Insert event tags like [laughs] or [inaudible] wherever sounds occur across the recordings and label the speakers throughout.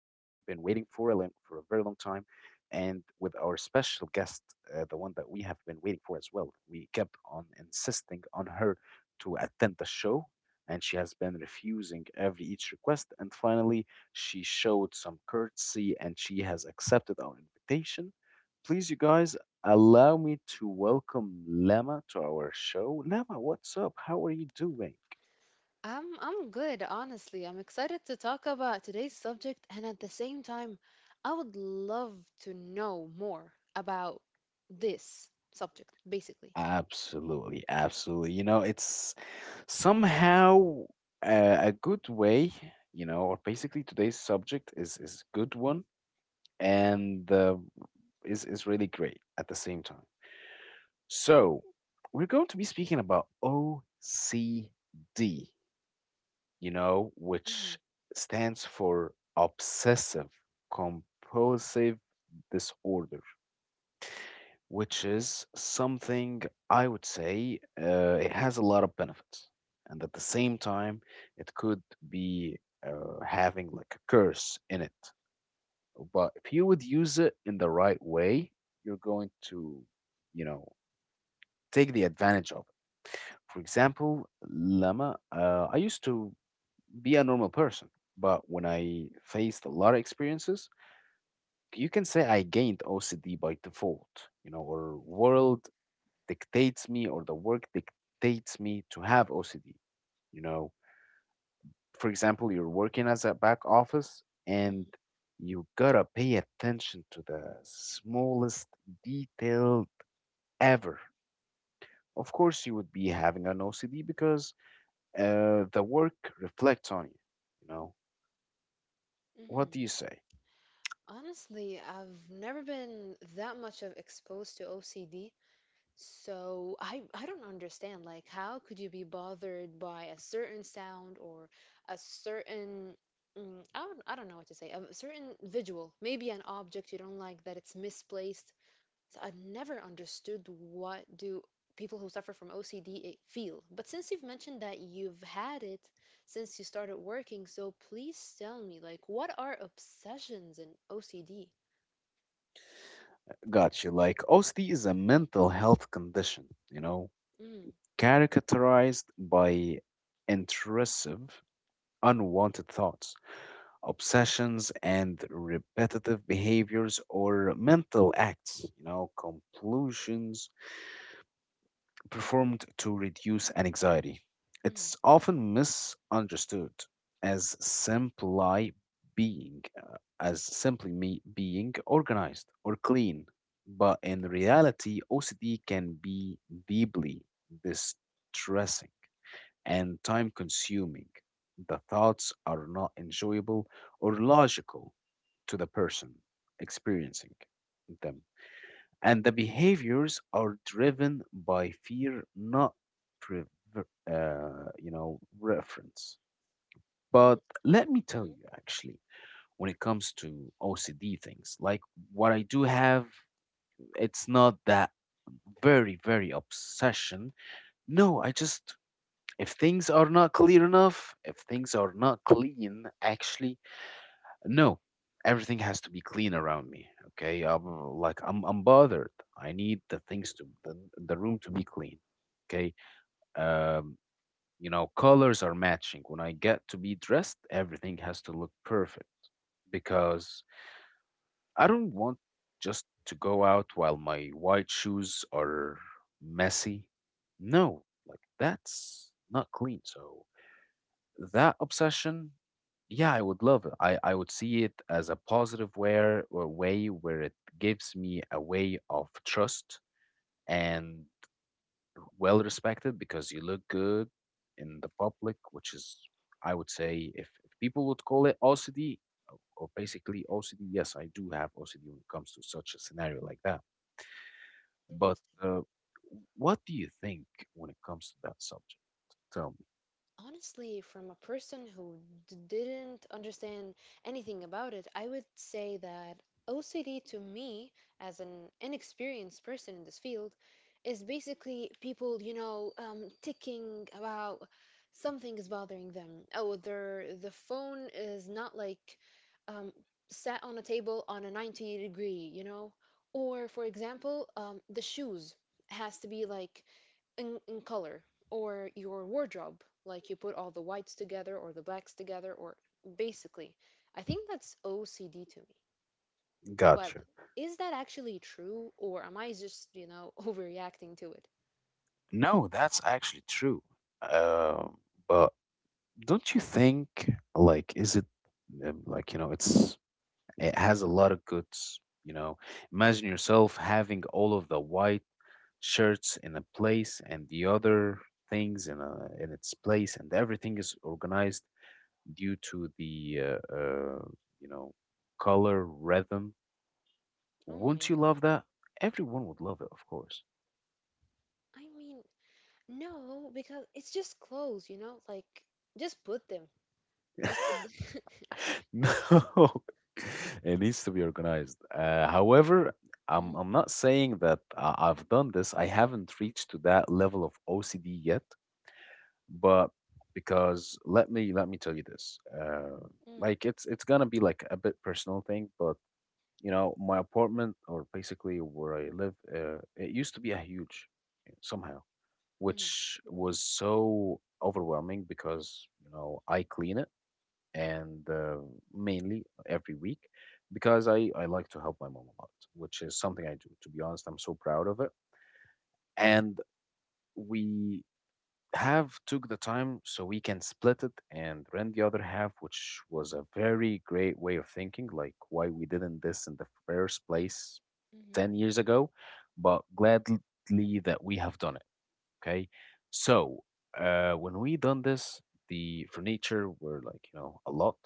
Speaker 1: and with our special guest, the one that we have been waiting for as well. We kept on insisting on her to attend the show, and she has been refusing every each request. And finally, she showed some courtesy, and she has accepted our invitation please you guys allow me to welcome Lama to our show. Lama, what's up? How are you doing?
Speaker 2: I'm good, honestly. I'm excited to talk about today's subject and at the same time, I would love to know more about this subject, basically.
Speaker 1: Absolutely, absolutely. You know, it's somehow a good way, you know, or basically today's subject is a good one and is really great at the same time. So, we're going to be speaking about OCD, you know,
Speaker 2: Hmm.
Speaker 1: which stands for obsessive compulsive disorder, which is something I would say, it has a lot of benefits. And at the same time, it could be having like a curse in it. But if you would use it in the right way, you're going to, you know, take the advantage of it. For example, llama, I used to be a normal person. But when I faced a lot of experiences, you can say I gained OCD by default, you know, or world dictates me or the work dictates me to have OCD. You know, for example, you're working as a back office and
Speaker 2: Hmm.
Speaker 1: you gotta pay attention to the smallest detail ever. Of course, you would be having an OCD because the work reflects on you. You know, what do
Speaker 2: Hmm.
Speaker 1: you say?
Speaker 2: Honestly, I've never been that much of exposed to OCD, so I don't understand like how could you be bothered by a certain sound or a certain I don't know what to say, a certain visual, maybe an object you don't like that it's misplaced. So I've never understood what do people who suffer from OCD feel. But since you've mentioned that you've had it since you started working, so please tell me, like, what are obsessions in OCD?
Speaker 1: Gotcha. Like OCD is a mental health condition, you know,
Speaker 2: Mm.
Speaker 1: characterized by intrusive, unwanted thoughts, obsessions, and repetitive behaviors or mental acts, you know, compulsions performed to reduce anxiety.
Speaker 2: Mm.
Speaker 1: It's often misunderstood as simply being, as simply me being organized or clean, but in reality, OCD can be deeply distressing and time-consuming. The thoughts are not enjoyable or logical to the person experiencing them, and the behaviors are driven by fear, not prever- you know, reference.
Speaker 2: Mm.
Speaker 1: But let me tell
Speaker 2: Mm.
Speaker 1: you, actually, when it comes to OCD things, like what I do have, it's not that very obsession. No, I just, if things are not clear enough, if things are not clean, actually no, everything has to be clean around me. Okay, I'm like I'm bothered. I need the things to the room to be clean. Okay. um you know, colors are matching. When I get to be dressed, everything has to look perfect, because I don't want
Speaker 2: Mm.
Speaker 1: just to go out while my white shoes are messy. No, like that's not clean. So that obsession, yeah, I would love it. I would see it as a positive where or way where it gives me a way of trust and well respected because you look good in the public, which is, I would say, if people would call it OCD or basically OCD, yes, I do have OCD when it comes to such a scenario like that. But
Speaker 2: Interesting.
Speaker 1: what do you think when it comes to that subject? Tell me.
Speaker 2: Honestly, from a person who didn't understand anything about it, I would say that OCD to me, as an inexperienced person in this field, is basically people, ticking about something is bothering them. Oh, the phone is not like um, sat on a table on a 90 degree, you know? Or, for example, the shoes has to be like in color or your wardrobe like you put all the whites together or the blacks together or basically I think that's OCD to me. But
Speaker 1: Gotcha.
Speaker 2: is that actually true or am I just [laughs] overreacting to it?
Speaker 1: No, that's actually true. Uh, but don't you think, like, is it like, you know, it's, it has a lot of goods, you know. Imagine yourself having all of the white shirts in a place and the other things in a in its place, and everything is organized due to the you know, color rhythm.
Speaker 2: Oh my
Speaker 1: Wouldn't you
Speaker 2: god.
Speaker 1: love that? Everyone would love it, of course.
Speaker 2: I mean, no, because it's just clothes, like just put them. Just put them.
Speaker 1: [laughs]
Speaker 2: [laughs]
Speaker 1: No, [laughs] it needs to be organized. However, I'm
Speaker 2: Mm.
Speaker 1: I'm not saying that I've done this. I haven't reached to that level of OCD yet, but because let me tell you this.
Speaker 2: Mm.
Speaker 1: Like it's gonna be like a bit personal thing, but you know, my apartment or basically where I live, it used to be a huge somehow,
Speaker 2: Mm.
Speaker 1: which was so overwhelming because you know I clean it and mainly every week because I like to help my mom a lot, which is something I do. To be honest, I'm so proud of it. And we have took the time so we can split it and rent the other half, which was a very great way of thinking, like why we didn't this in the first place
Speaker 2: Mm.
Speaker 1: 10 years ago, but gladly that we have done it. Okay. So when we done this, the furniture were like, you know, a lot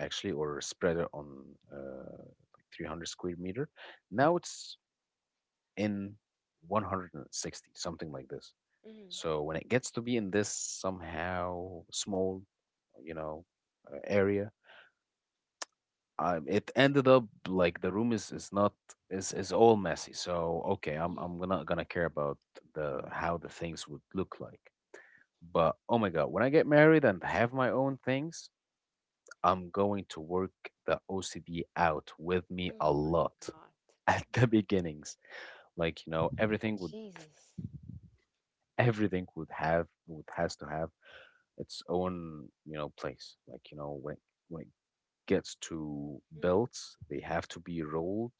Speaker 1: actually or spreader on uh, like 300 square meter. Now it's in 160, something like this.
Speaker 2: Mm.
Speaker 1: So when it gets to be in this somehow small, you know, area, it ended up like the room is not is all messy. So okay, I'm
Speaker 2: Mm.
Speaker 1: I'm not gonna care about the how the things would look like. But oh my god, when I get married and have my own things, I'm going to work the OCD out with me
Speaker 2: Oh
Speaker 1: a
Speaker 2: my
Speaker 1: lot
Speaker 2: god.
Speaker 1: [laughs] at the beginnings. Like, you know,
Speaker 2: Jesus.
Speaker 1: everything would have would has to have its own, you know, place. Like, you know, when it gets to
Speaker 2: Hmm.
Speaker 1: belts, they have to be rolled,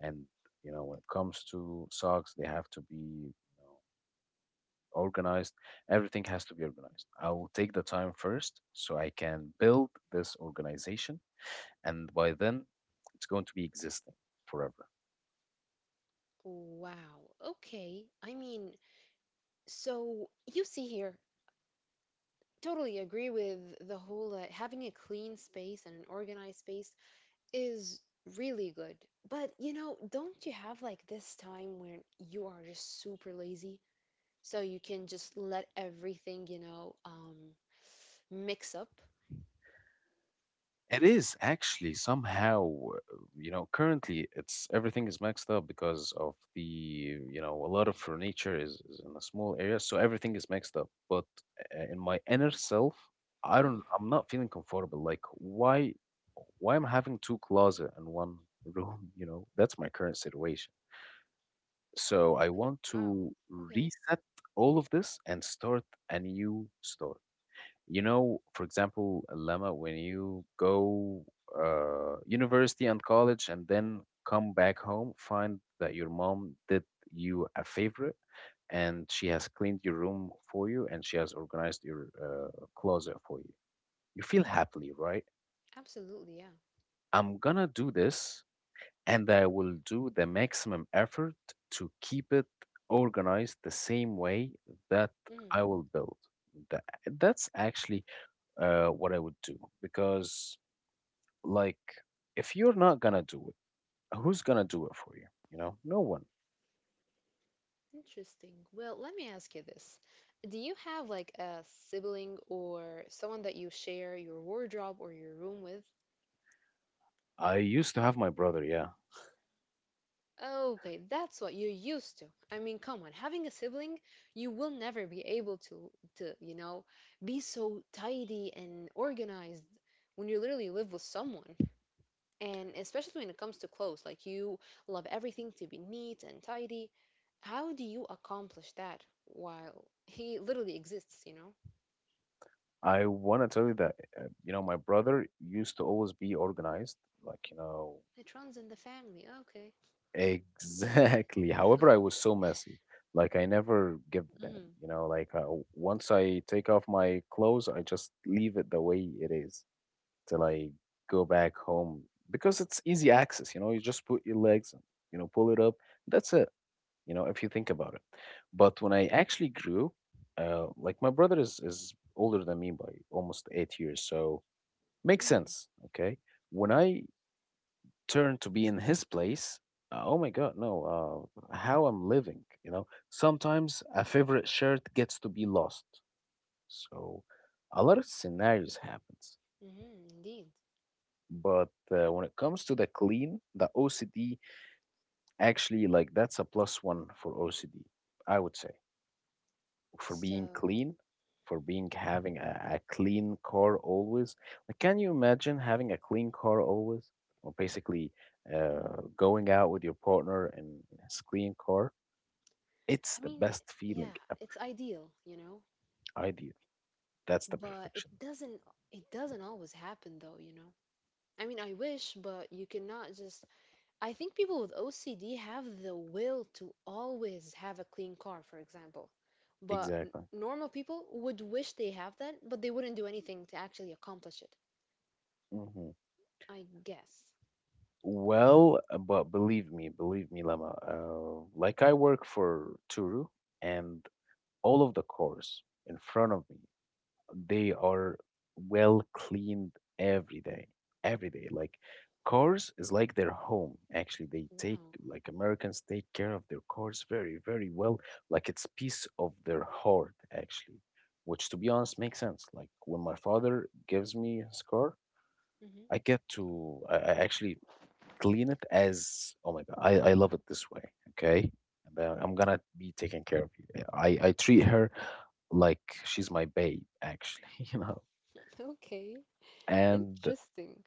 Speaker 1: and you know, when it comes to socks, they have to be, you know, organized. Everything has to be organized. I will take the time first so I can build this organization, and by then it's going to be existing forever.
Speaker 2: Wow. Okay. I mean, so, you see here, totally agree with the whole having a clean space and an organized space is really good. But, don't you have like this time when you are just super lazy? So you can just let everything, mix up?
Speaker 1: It is actually somehow, you know, currently it's everything is maxed up because of the, you know, a lot of furniture is in a small area, so everything is maxed up. But in my inner self,
Speaker 2: Mm.
Speaker 1: I'm not feeling comfortable. Like, why am I having two closet in one [laughs] room? You know, that's my current situation. So
Speaker 2: w-
Speaker 1: I want
Speaker 2: Wow.
Speaker 1: to
Speaker 2: Okay.
Speaker 1: reset all of this and start a new story. You know, for example, Lama, when you go university and college and then come back home, find that your mom did you a favor and she has cleaned your room for you and she has organized your closet for you. You feel happily, right?
Speaker 2: Absolutely, yeah.
Speaker 1: I'm gonna do this and I will do the maximum effort to keep it organized the same way that
Speaker 2: Mm,
Speaker 1: I will build. That, that's actually what I would do because, like, if you're not gonna do it, who's gonna do it for you? You know, no one.
Speaker 2: interesting. Well, let me ask you this. Do you have like a sibling or someone that you share your wardrobe or your room with?
Speaker 1: I used to have my brother. Yeah,
Speaker 2: Okay, that's what you're used to. I mean, come on, having a sibling, you will never be able to be so tidy and organized when you literally live with someone. And especially when it comes to clothes, like you love everything to be neat and tidy. How do you accomplish that while he literally exists, you know?
Speaker 1: I want to tell you that you know my brother used to always be organized. Like you know
Speaker 2: It runs in the family. Okay.
Speaker 1: exactly. [laughs] However, I was so messy. Like I never give them.
Speaker 2: Hmm.
Speaker 1: You know, like once I take off my clothes, I just leave it the way it is, till I go back home because it's easy access. You know, you just put your legs, you know, pull it up. That's it. You know, if you think about it. But when I actually grew, like my brother is older than me by almost 8 years, so makes
Speaker 2: Hmm.
Speaker 1: sense. Okay, when I turned to be in his place, oh my God, no, how I'm living, you know. Sometimes a favorite shirt gets to be lost. So a lot of scenarios happens.
Speaker 2: Hmm. Indeed.
Speaker 1: But when it comes to the clean, the OCD actually like that's a plus one for OCD, I would say, for
Speaker 2: So,
Speaker 1: being clean, for being having a clean car always. Like, can you imagine having a clean car always, or basically going out with your partner in his clean car? It's
Speaker 2: I
Speaker 1: the
Speaker 2: mean,
Speaker 1: best feeling
Speaker 2: yeah,
Speaker 1: ever.
Speaker 2: it's ideal, you know?
Speaker 1: Ideal. That's the
Speaker 2: But it
Speaker 1: perfectionist.
Speaker 2: doesn't it doesn't always happen though. I mean, I wish, but you cannot just. I think people with OCD have the will to always have a clean car, for example. But
Speaker 1: Exactly.
Speaker 2: normal people would wish they have that, but they wouldn't do anything to actually accomplish it,
Speaker 1: Mhm.
Speaker 2: I guess.
Speaker 1: Well, but believe me, Lama. Like I work for Turu, and all of the cars in front of me, they are well cleaned every day, every day. Like cars is like their home. Actually, they take
Speaker 2: Wow.
Speaker 1: like Americans take care of their cars, very, very well. Like it's piece of their heart, actually. Which, to be honest, makes sense. Like when my father gives me his car,
Speaker 2: Hmm.
Speaker 1: I get to I actually clean it as oh my god, I love it this way, okay? And then I'm gonna be taking care of you. Yeah, I treat her like she's my babe, actually, [laughs].
Speaker 2: [laughs] Okay.
Speaker 1: And
Speaker 2: Interesting.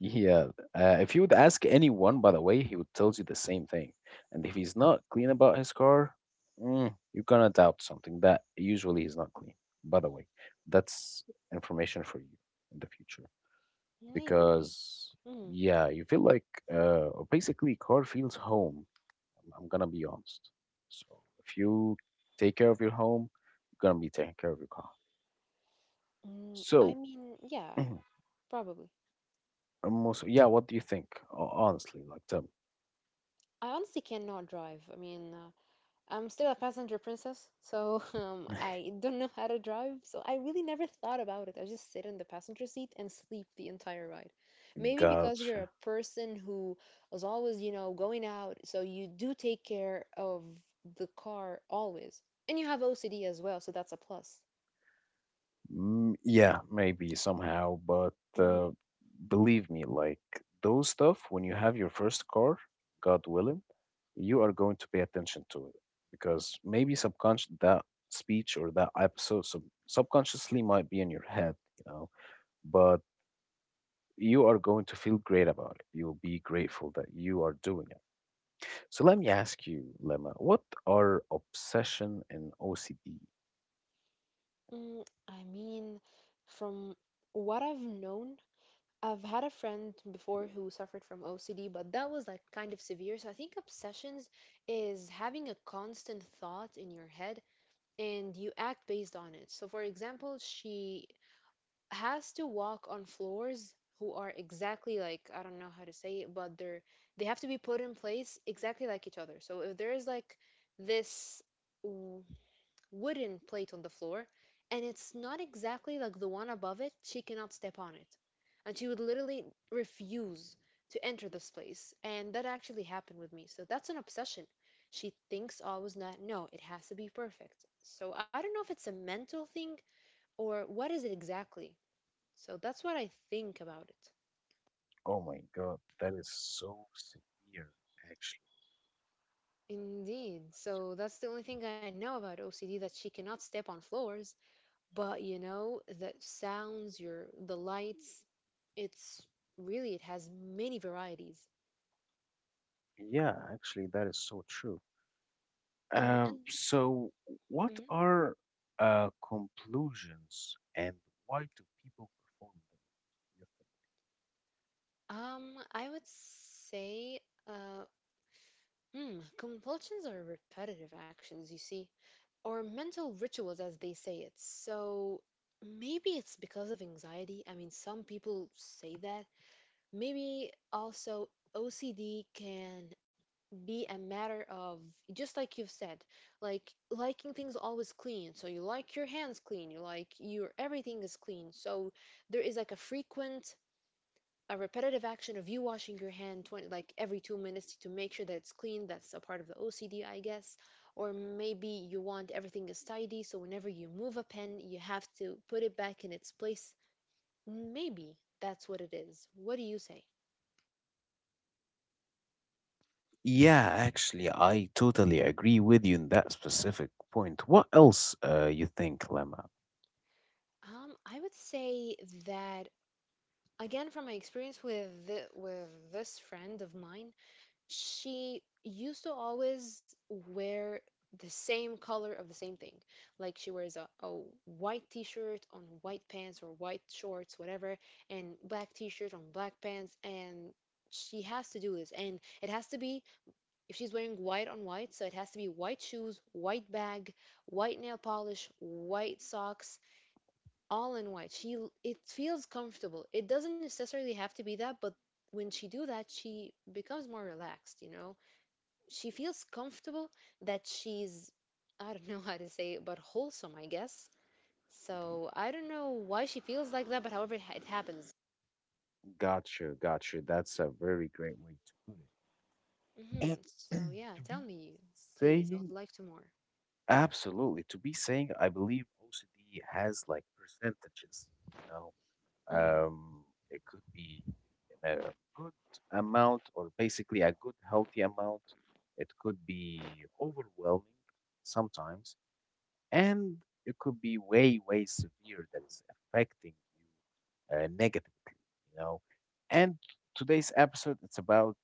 Speaker 1: yeah, if you would ask anyone, by the way, he would tell you the same thing. And if he's not clean about his car, mm, you're gonna doubt something that usually is not clean. By the way, that's information for you in the future
Speaker 2: Maybe.
Speaker 1: because
Speaker 2: Mm.
Speaker 1: yeah, you feel like basically car feels home. I'm gonna be honest. So if you take care of your home, you're gonna be taking care of your car.
Speaker 2: Mm, I
Speaker 1: So
Speaker 2: mean, yeah,
Speaker 1: [clears throat] um,
Speaker 2: probably.
Speaker 1: most yeah, what do you think? Honestly, like tell
Speaker 2: I honestly cannot drive. I mean, I'm still a passenger princess, so [laughs]
Speaker 1: me.
Speaker 2: I don't know how to drive, so I really never thought about it. I just sit in the passenger seat and sleep the entire ride.
Speaker 1: [laughs]
Speaker 2: Maybe because you're a
Speaker 1: Gotcha.
Speaker 2: person who is always, going out, so you do take care of the car always. And you have OCD as well, so that's a plus.
Speaker 1: Mm, yeah, maybe somehow, but
Speaker 2: Mm.
Speaker 1: believe me, like those stuff, when you have your first car, God willing, you are going to pay attention to it because maybe subconscious that speech or that episode subconsciously might be in your head, you know, but you are going to feel great about it. You'll be grateful that you are doing it. So let me ask you, Lemma, what are obsession and OCD?
Speaker 2: Mm, I mean, from what I've known, I've had a friend before who suffered from OCD, but that was like kind of severe. So I think obsessions is having a constant thought in your head and you act based on it. So for example, she has to walk on floors who are exactly like I don't know how to say it, but they have to be put in place exactly like each other. So if there is like this wooden plate on the floor, and it's not exactly like the one above it, she cannot step on it. And she would literally refuse to enter this place. And that actually happened with me. So that's an obsession. She thinks always that, no, it has to be perfect. So I don't know if it's a mental thing or what is it exactly. So that's what I think about it.
Speaker 1: Oh my God, that is so severe, actually.
Speaker 2: Indeed. So that's the only thing I know about OCD that she cannot step on floors. But you know the sounds, your the lights. It's really, it has many varieties.
Speaker 1: Yeah, actually, that is so true. Um,
Speaker 2: And.
Speaker 1: so, what
Speaker 2: Mhm.
Speaker 1: are conclusions and why do people perform them? You
Speaker 2: I would say uh compulsions are repetitive actions you see or mental rituals as they say it. So maybe it's because of anxiety. I mean, some people say that. Maybe also OCD can be a matter of, just like you've said, like liking things always clean, so you like your hands clean, you like your everything is clean. So there is like a repetitive action of you washing your hand 20, like every 2 minutes to make sure that it's clean. That's a part of the OCD, I guess. Or maybe you want everything is tidy, so whenever you move a pen you have to put it back in its place. Maybe that's what it is. What do you say?
Speaker 1: think? Yeah, actually, I totally agree with you in that specific point. What else you think, Lemma?
Speaker 2: I would say that, again, from my experience with with this friend of mine, she used to always wear the same color of the same thing, like she wears a white t-shirt on white pants or white shorts whatever, and black t-shirt on black pants, and she has to do this, and it has to be if she's wearing white on white, so it has to be white shoes, white bag, white nail polish, white socks, all in white. It feels comfortable. It doesn't necessarily have to be that, but when she do that, she becomes more relaxed, you know? She feels comfortable that she's, I don't [laughs] know how to say it, but wholesome, I guess. So I don't know why she feels like that, but however it happens.
Speaker 1: Gotcha, gotcha. That's a very great way to put it.
Speaker 2: Hmm. So
Speaker 1: And [clears throat]
Speaker 2: yeah, tell me, please. I would
Speaker 1: saying,
Speaker 2: like to more.
Speaker 1: absolutely, to be saying, I believe OCD has like percentages, you know,
Speaker 2: Hmm.
Speaker 1: it could be a good amount or basically a good healthy amount. It could be overwhelming sometimes, and it could be way way severe that is affecting you negatively, you know, and today's episode it's about,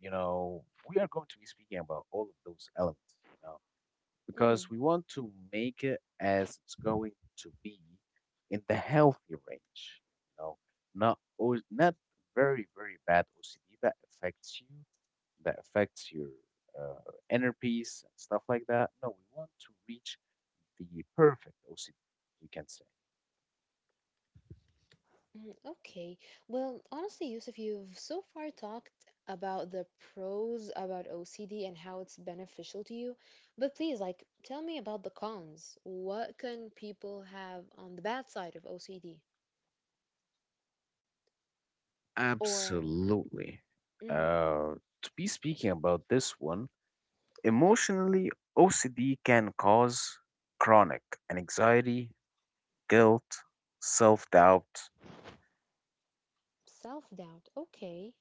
Speaker 1: you know, we are going to be speaking about all of those elements, you know, because
Speaker 2: Hmm.
Speaker 1: we want to make it as it's going to be in the healthy range, you know, not very very bad OCD that affects you, that affects your inner peace and stuff like that. No, we want to reach the perfect OCD, we can say.
Speaker 2: Mm. Okay. Well, honestly, Yusuf, you've so far talked about the pros about OCD and how it's beneficial to you, but please, like, tell me about the cons. What can people have on the bad side of OCD? Or.
Speaker 1: Absolutely.
Speaker 2: Hmm.
Speaker 1: Uh, to be speaking about this one, emotionally, OCD can cause chronic anxiety, guilt, self doubt.
Speaker 2: Self-doubt. Okay.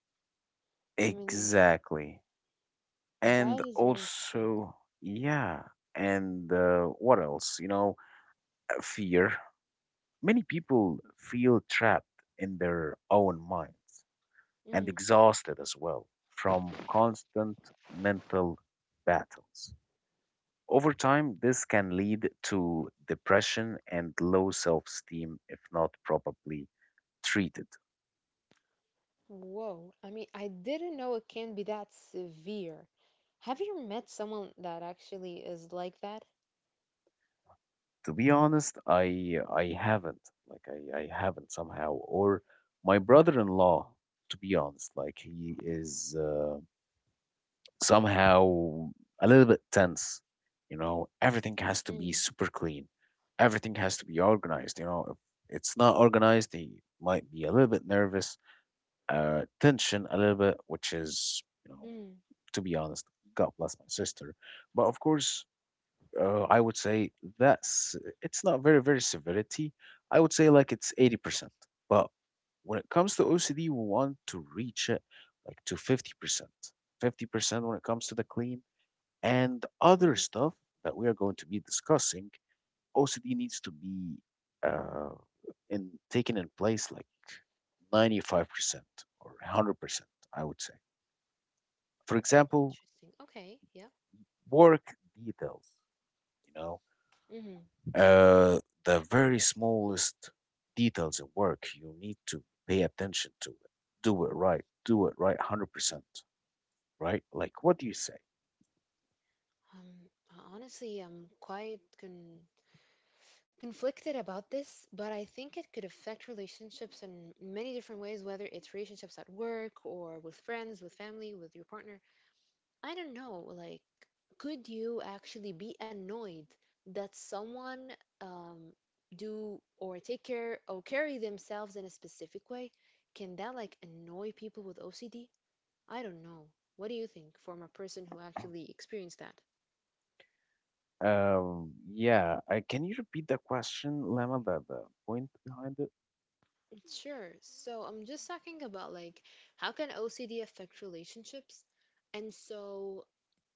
Speaker 2: I mean,
Speaker 1: Exactly. And
Speaker 2: that is very interesting.
Speaker 1: also, yeah. And what else? You know, fear. Many people feel trapped in their own minds, and
Speaker 2: Mm,
Speaker 1: exhausted as well from constant mental battles. Over time, this can lead to depression and low self esteem if not properly treated.
Speaker 2: whoa. I mean, I didn't know it can be that severe. Have you met someone that actually is like that?
Speaker 1: To be honest, I haven't, like I haven't somehow, or my brother-in-law, to be honest, like he is somehow a little bit tense. You know, everything has to be
Speaker 2: Mm.
Speaker 1: super clean. Everything has to be organized. You know, if it's not organized, they might be a little bit nervous, tension a little bit, which is, you know,
Speaker 2: Mm.
Speaker 1: to be honest, God bless my sister. But of course, I would say that's, it's not very, very severity. I would say like it's 80%. But when it comes to OCD, we want to reach it like to 50%. 50% when it comes to the clean and other
Speaker 2: Mm.
Speaker 1: stuff that we are going to be discussing, OCD needs to be uh, in taken in place like 95% or 100%, I would say. For example,
Speaker 2: Interesting. Okay. Yeah.
Speaker 1: work details, you know,
Speaker 2: Hmm.
Speaker 1: uh, the very smallest details in work, you need to pay attention to it. Do it right. Do it right 100%, right? Like, what do you say?
Speaker 2: Um, Honestly, I'm quite conflicted about this, but I think it could affect relationships in many different ways, whether it's relationships at work or with friends, with family, with your partner. I don't know. Like, could you actually be annoyed that someone um, do or take care or carry themselves in a specific way? Can that like annoy people with OCD? I don't know. What do you think from a person who actually experienced that?
Speaker 1: Yeah, I, can you repeat the question, Lama, the point behind it?
Speaker 2: Sure. So I'm just talking about like how can OCD affect relationships? And so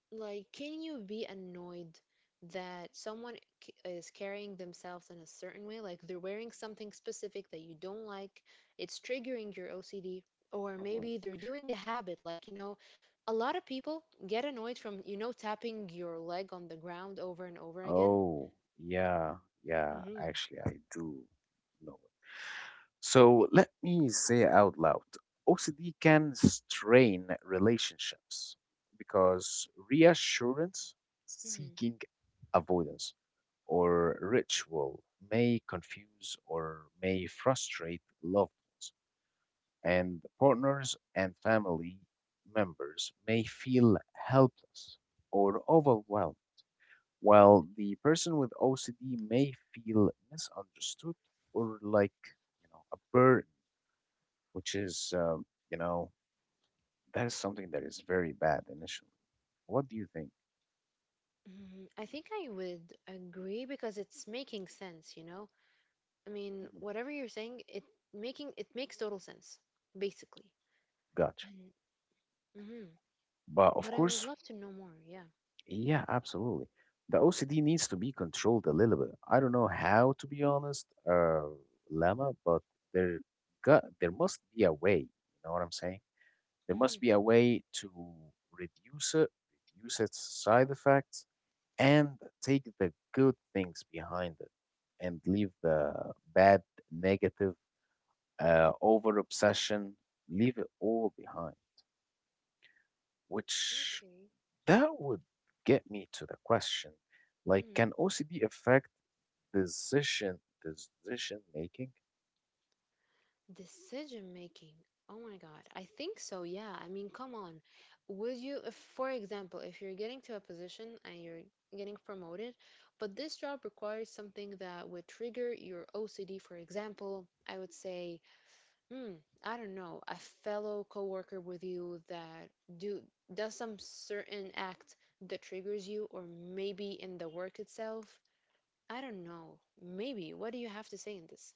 Speaker 2: like can you be annoyed that someone is carrying themselves in a certain way, like they're wearing something specific that you don't like, it's triggering your OCD, or
Speaker 1: Mhm.
Speaker 2: maybe they're doing a habit like, a lot of people get annoyed from tapping your leg on the ground over and over again.
Speaker 1: Oh, yeah, yeah,
Speaker 2: Mhm.
Speaker 1: actually, I do know it. So let me say out loud OCD can strain relationships because reassurance,
Speaker 2: Mhm.
Speaker 1: seeking avoidance, or ritual may confuse or may frustrate loved ones, and partners and family members may feel helpless or overwhelmed
Speaker 2: Mm.
Speaker 1: while the person with OCD may feel misunderstood or like, you know, a burden, which is, you know, that is something that is very bad initially. What do you think?
Speaker 2: Mm, I think I would agree because it's making sense, you know? I mean,
Speaker 1: Mhm.
Speaker 2: whatever you're saying, it makes total sense, basically.
Speaker 1: Gotcha.
Speaker 2: And. Hmm.
Speaker 1: But of
Speaker 2: But I would
Speaker 1: course,
Speaker 2: love to know more, yeah.
Speaker 1: yeah, absolutely. The OCD needs to be controlled a little bit. I don't know how, to be honest, Lama, but there there must be a way. You know what I'm saying? There must
Speaker 2: Hmm.
Speaker 1: be a way to reduce it, reduce its side effects, and take the good things behind it and leave the bad, negative, over obsession, leave it all behind. Which
Speaker 2: Okay.
Speaker 1: that would get me to the question, like,
Speaker 2: Mm.
Speaker 1: can OCD affect decision making?
Speaker 2: Decision making. Oh my God. I think so, yeah. I mean, come on. Would you, if, for example, if you're getting to a position and you're getting promoted, but this job requires something that would trigger your OCD, for example, I would say. Hmm. I don't know, a fellow coworker with you that do does some certain act that triggers you, or maybe in the work itself. I don't know. Maybe. What do you have to say in this?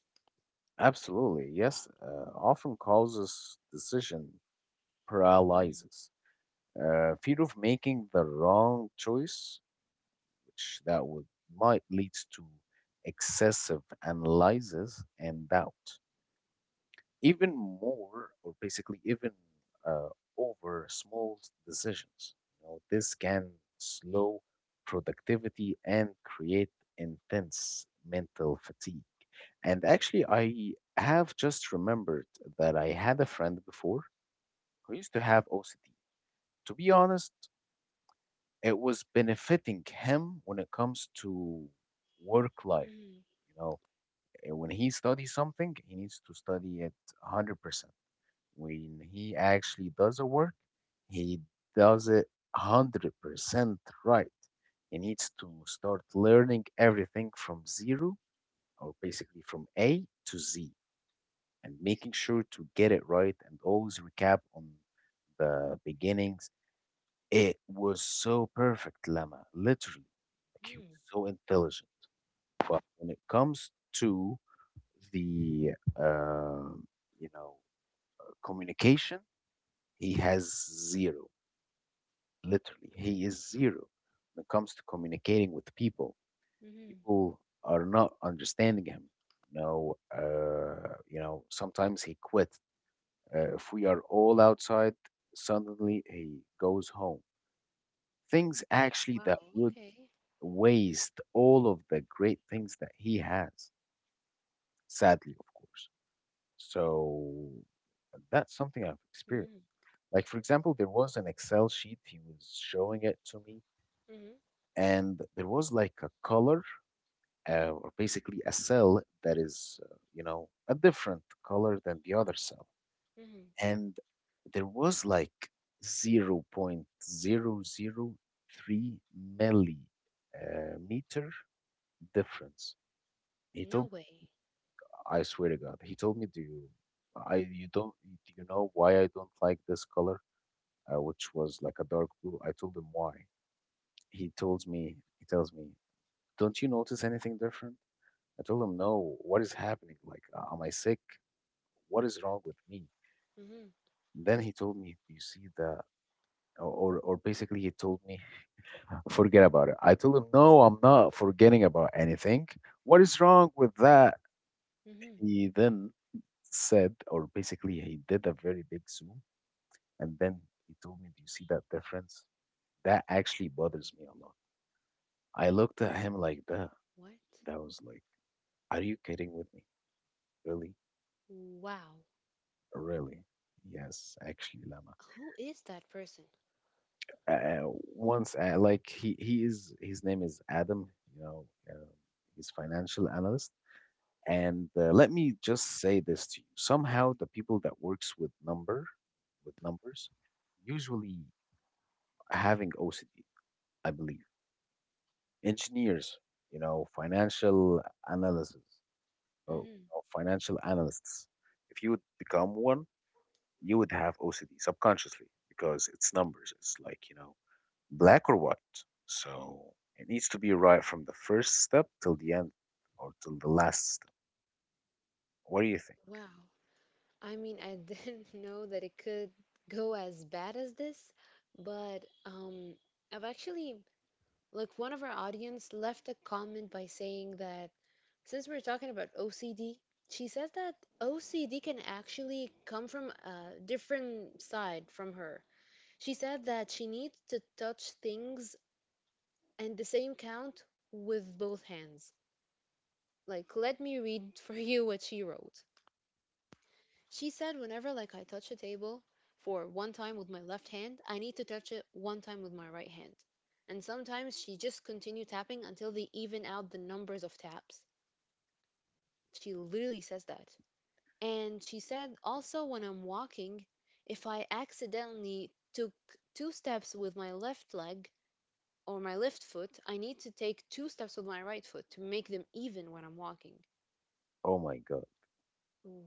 Speaker 1: Absolutely, yes. Often causes decision paralysis. Fear of making the wrong choice, which that would might leads to excessive analysis and doubt, even more, or basically even uh, over small decisions. You know, this can slow productivity and create intense mental fatigue. And actually, I have just remembered that I had a friend before who used to have OCD. To be honest, it was benefiting him when it comes to work life.
Speaker 2: Mm-hmm.
Speaker 1: You know, eh, when he studies something, he needs to study it 100%. When he actually does a work, he does it 100% right. He needs to start learning everything from zero or basically from A to Z and making sure to get it right and always recap on the beginning. It was so perfect, Lama, literally. Like he was
Speaker 2: Mm-hmm.
Speaker 1: so intelligent. But when it comes to the, uh, you know, communication, he has zero, literally. He is zero when it comes to communicating with people.
Speaker 2: Mm-hmm.
Speaker 1: People are not understanding him. You know, sometimes he quit. If we are all outside, suddenly he goes home. Things actually that
Speaker 2: Wow.
Speaker 1: would
Speaker 2: Okay.
Speaker 1: waste all of the great things that he has, sadly, of course. So that's something I've experienced.
Speaker 2: Mm-hmm.
Speaker 1: Like, for example, there was an Excel sheet, he was showing it to me,
Speaker 2: Mm-hmm.
Speaker 1: and there was like a color, or basically a cell that is, you know, a different color than the other cell.
Speaker 2: Mm-hmm.
Speaker 1: And there was like zero point zero zero 0.003 millimeter difference. He
Speaker 2: No
Speaker 1: told,
Speaker 2: way.
Speaker 1: I swear to God. He told me, I you don't do you know why I don't like this color, which was like a dark blue?" I told him why. He tells me, "Don't you notice anything different?" I told him, "No. What is happening? Like, am I sick? What is wrong with me?"
Speaker 2: Mm-hmm.
Speaker 1: Then he told me, "Do you see the?" Or basically, he told me, forget about it. I told him, no, I'm not forgetting about anything. What is wrong with that?
Speaker 2: Mm-hmm.
Speaker 1: He then said, or basically, he did a very big zoom. And then he told me, do you see that difference? That actually bothers me a lot. I looked at him like that.
Speaker 2: What?
Speaker 1: That was like, are you kidding with me? Really?
Speaker 2: Wow.
Speaker 1: Really? Yes, actually, Lama.
Speaker 2: Who is that person?
Speaker 1: Uh, he is, his name is Adam, you know, uh, he's financial analyst. And let me just say this to you. Somehow, the people that works with with numbers, usually having OCD, I believe. Engineers, you know, financial analysis or
Speaker 2: Mm-hmm.
Speaker 1: or financial analysts. If you would become one, you would have OCD subconsciously because it's numbers. It's like, you know, black or white. So it needs to be right from the first step till the end or till the last step. What do you think?
Speaker 2: Wow. I mean, I didn't [laughs] know that it could go as bad as this, but I've actually, like, one of our audience left a comment by saying that since we're talking about OCD, she says that OCD can actually come from a different side from her. She said that she needs to touch things and the same count with both hands. Like, let me read for you what she wrote. She said whenever like I touch a table for one time with my left hand, I need to touch it one time with my right hand. And sometimes she just continue tapping until they even out the numbers of taps. She literally says that. And she said also when I'm walking, if I accidentally took two steps with my left leg or my left foot, I need to take two steps with my right foot to make them even when I'm walking.
Speaker 1: Oh my God.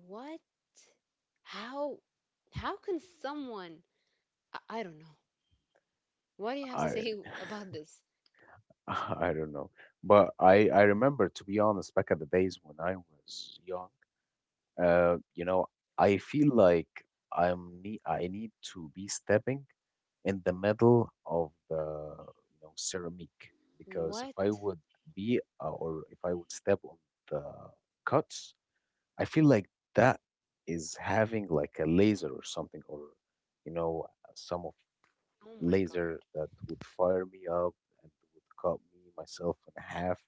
Speaker 2: What? How how can someone I don't know. What do you have to
Speaker 1: I
Speaker 2: say [laughs] about this?
Speaker 1: [laughs] I don't know, but I remember, to be honest, back at the days when I was young. You know, I feel like I need to be stepping in the middle of the, you know, ceramic, because if I
Speaker 2: What?
Speaker 1: would step on the cuts, I feel like that is having like a laser or something or, you know, some of
Speaker 2: Oh my god.
Speaker 1: laser that would fire me up and would cut me myself in half.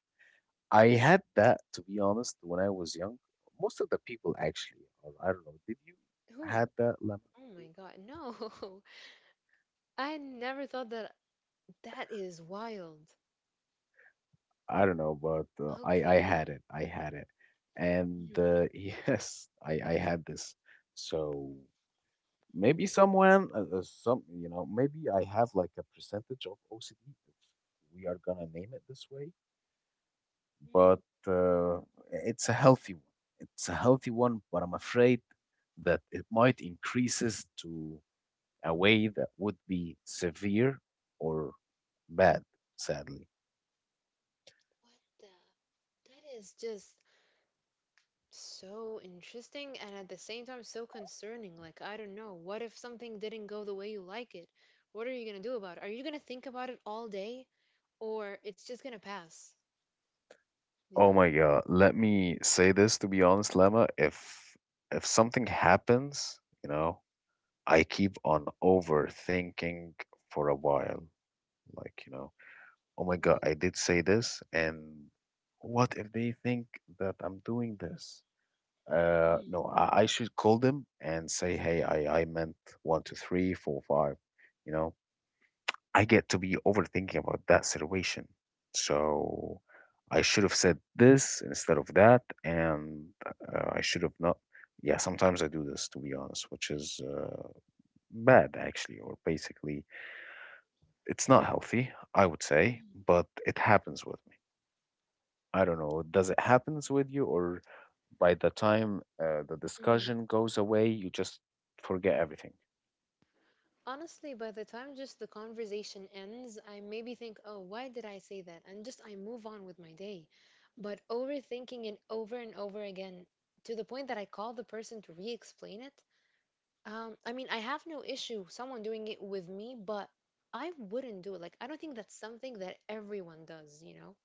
Speaker 1: I had that, to be honest, when I was young. Most of the people actually, or I don't know. Did you
Speaker 2: Who?
Speaker 1: had that, Lemon,
Speaker 2: Oh
Speaker 1: before?
Speaker 2: my god. No. [laughs] I never thought that that is wild.
Speaker 1: I don't know, but I
Speaker 2: Okay.
Speaker 1: had it. I had it, and
Speaker 2: Mhm,
Speaker 1: [laughs] yes, I had this. So maybe someone, some you know, maybe I have like a percentage of OCD if we are gonna name it this way. But
Speaker 2: mhm.
Speaker 1: it's a healthy one. It's a healthy one, but I'm afraid that it might increases to a way that would be severe or bad, sadly.
Speaker 2: What the? That is just so interesting and at the same time so concerning. Like, I don't know. What if something didn't go the way you like it? What are you gonna do about it? Are you gonna think about it all day or it's just gonna pass? You
Speaker 1: Oh
Speaker 2: know?
Speaker 1: my God. Let me say this, to be honest, Lemma. If something happens, you know, I keep on overthinking for a while. Like, you know, oh my
Speaker 2: Whoa.
Speaker 1: God, I did say this, and what if they think that I'm doing this?
Speaker 2: Mhm,
Speaker 1: No, I should call them and say, hey, I meant one, two, three, four, five, you know. I get to be overthinking about that situation. So I should have said this instead of that, and I should have not. Yeah, sometimes I do this, to be honest, which is bad, actually, or basically, it's not healthy, I would say,
Speaker 2: mhm,
Speaker 1: but it happens with me. I don't know. Does it happens with you, or by the time the
Speaker 2: mhm.
Speaker 1: discussion goes away, you just forget everything?
Speaker 2: Honestly, by the time just the conversation ends, I maybe think, oh, why did I say that? And just I move on with my day. But overthinking it over and over again to the point that I call the person to re explain it. I mean, I have no issue someone doing it with me, but I wouldn't do it. Like, I don't think that's something that everyone does, you know?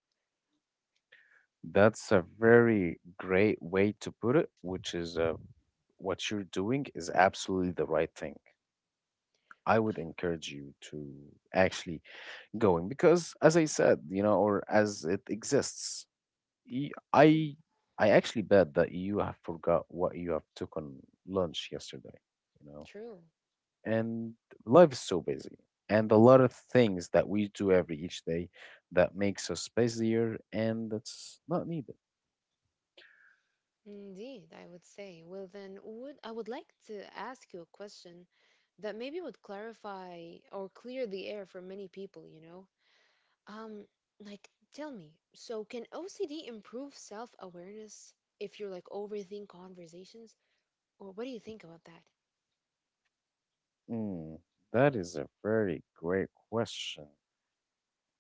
Speaker 1: That's a very great way to put it, which is a what you're doing is absolutely the right thing. I would
Speaker 2: I-
Speaker 1: encourage you to actually going because, as I said, you know, or as it exists, y-
Speaker 2: Mm,
Speaker 1: I I actually bet that you have forgot what you have took on lunch yesterday. You know,
Speaker 2: true.
Speaker 1: and life is so busy, and a lot of things that we do every each day that makes us busier, and that's not needed.
Speaker 2: Indeed, I would say. Well, then, would I would like to ask you a question that maybe would clarify or clear the air for many people, you know? Um, like, tell me, so can OCD improve self-awareness if you're like overthink conversations? Or what do you think about that?
Speaker 1: Mm, that is a very great question.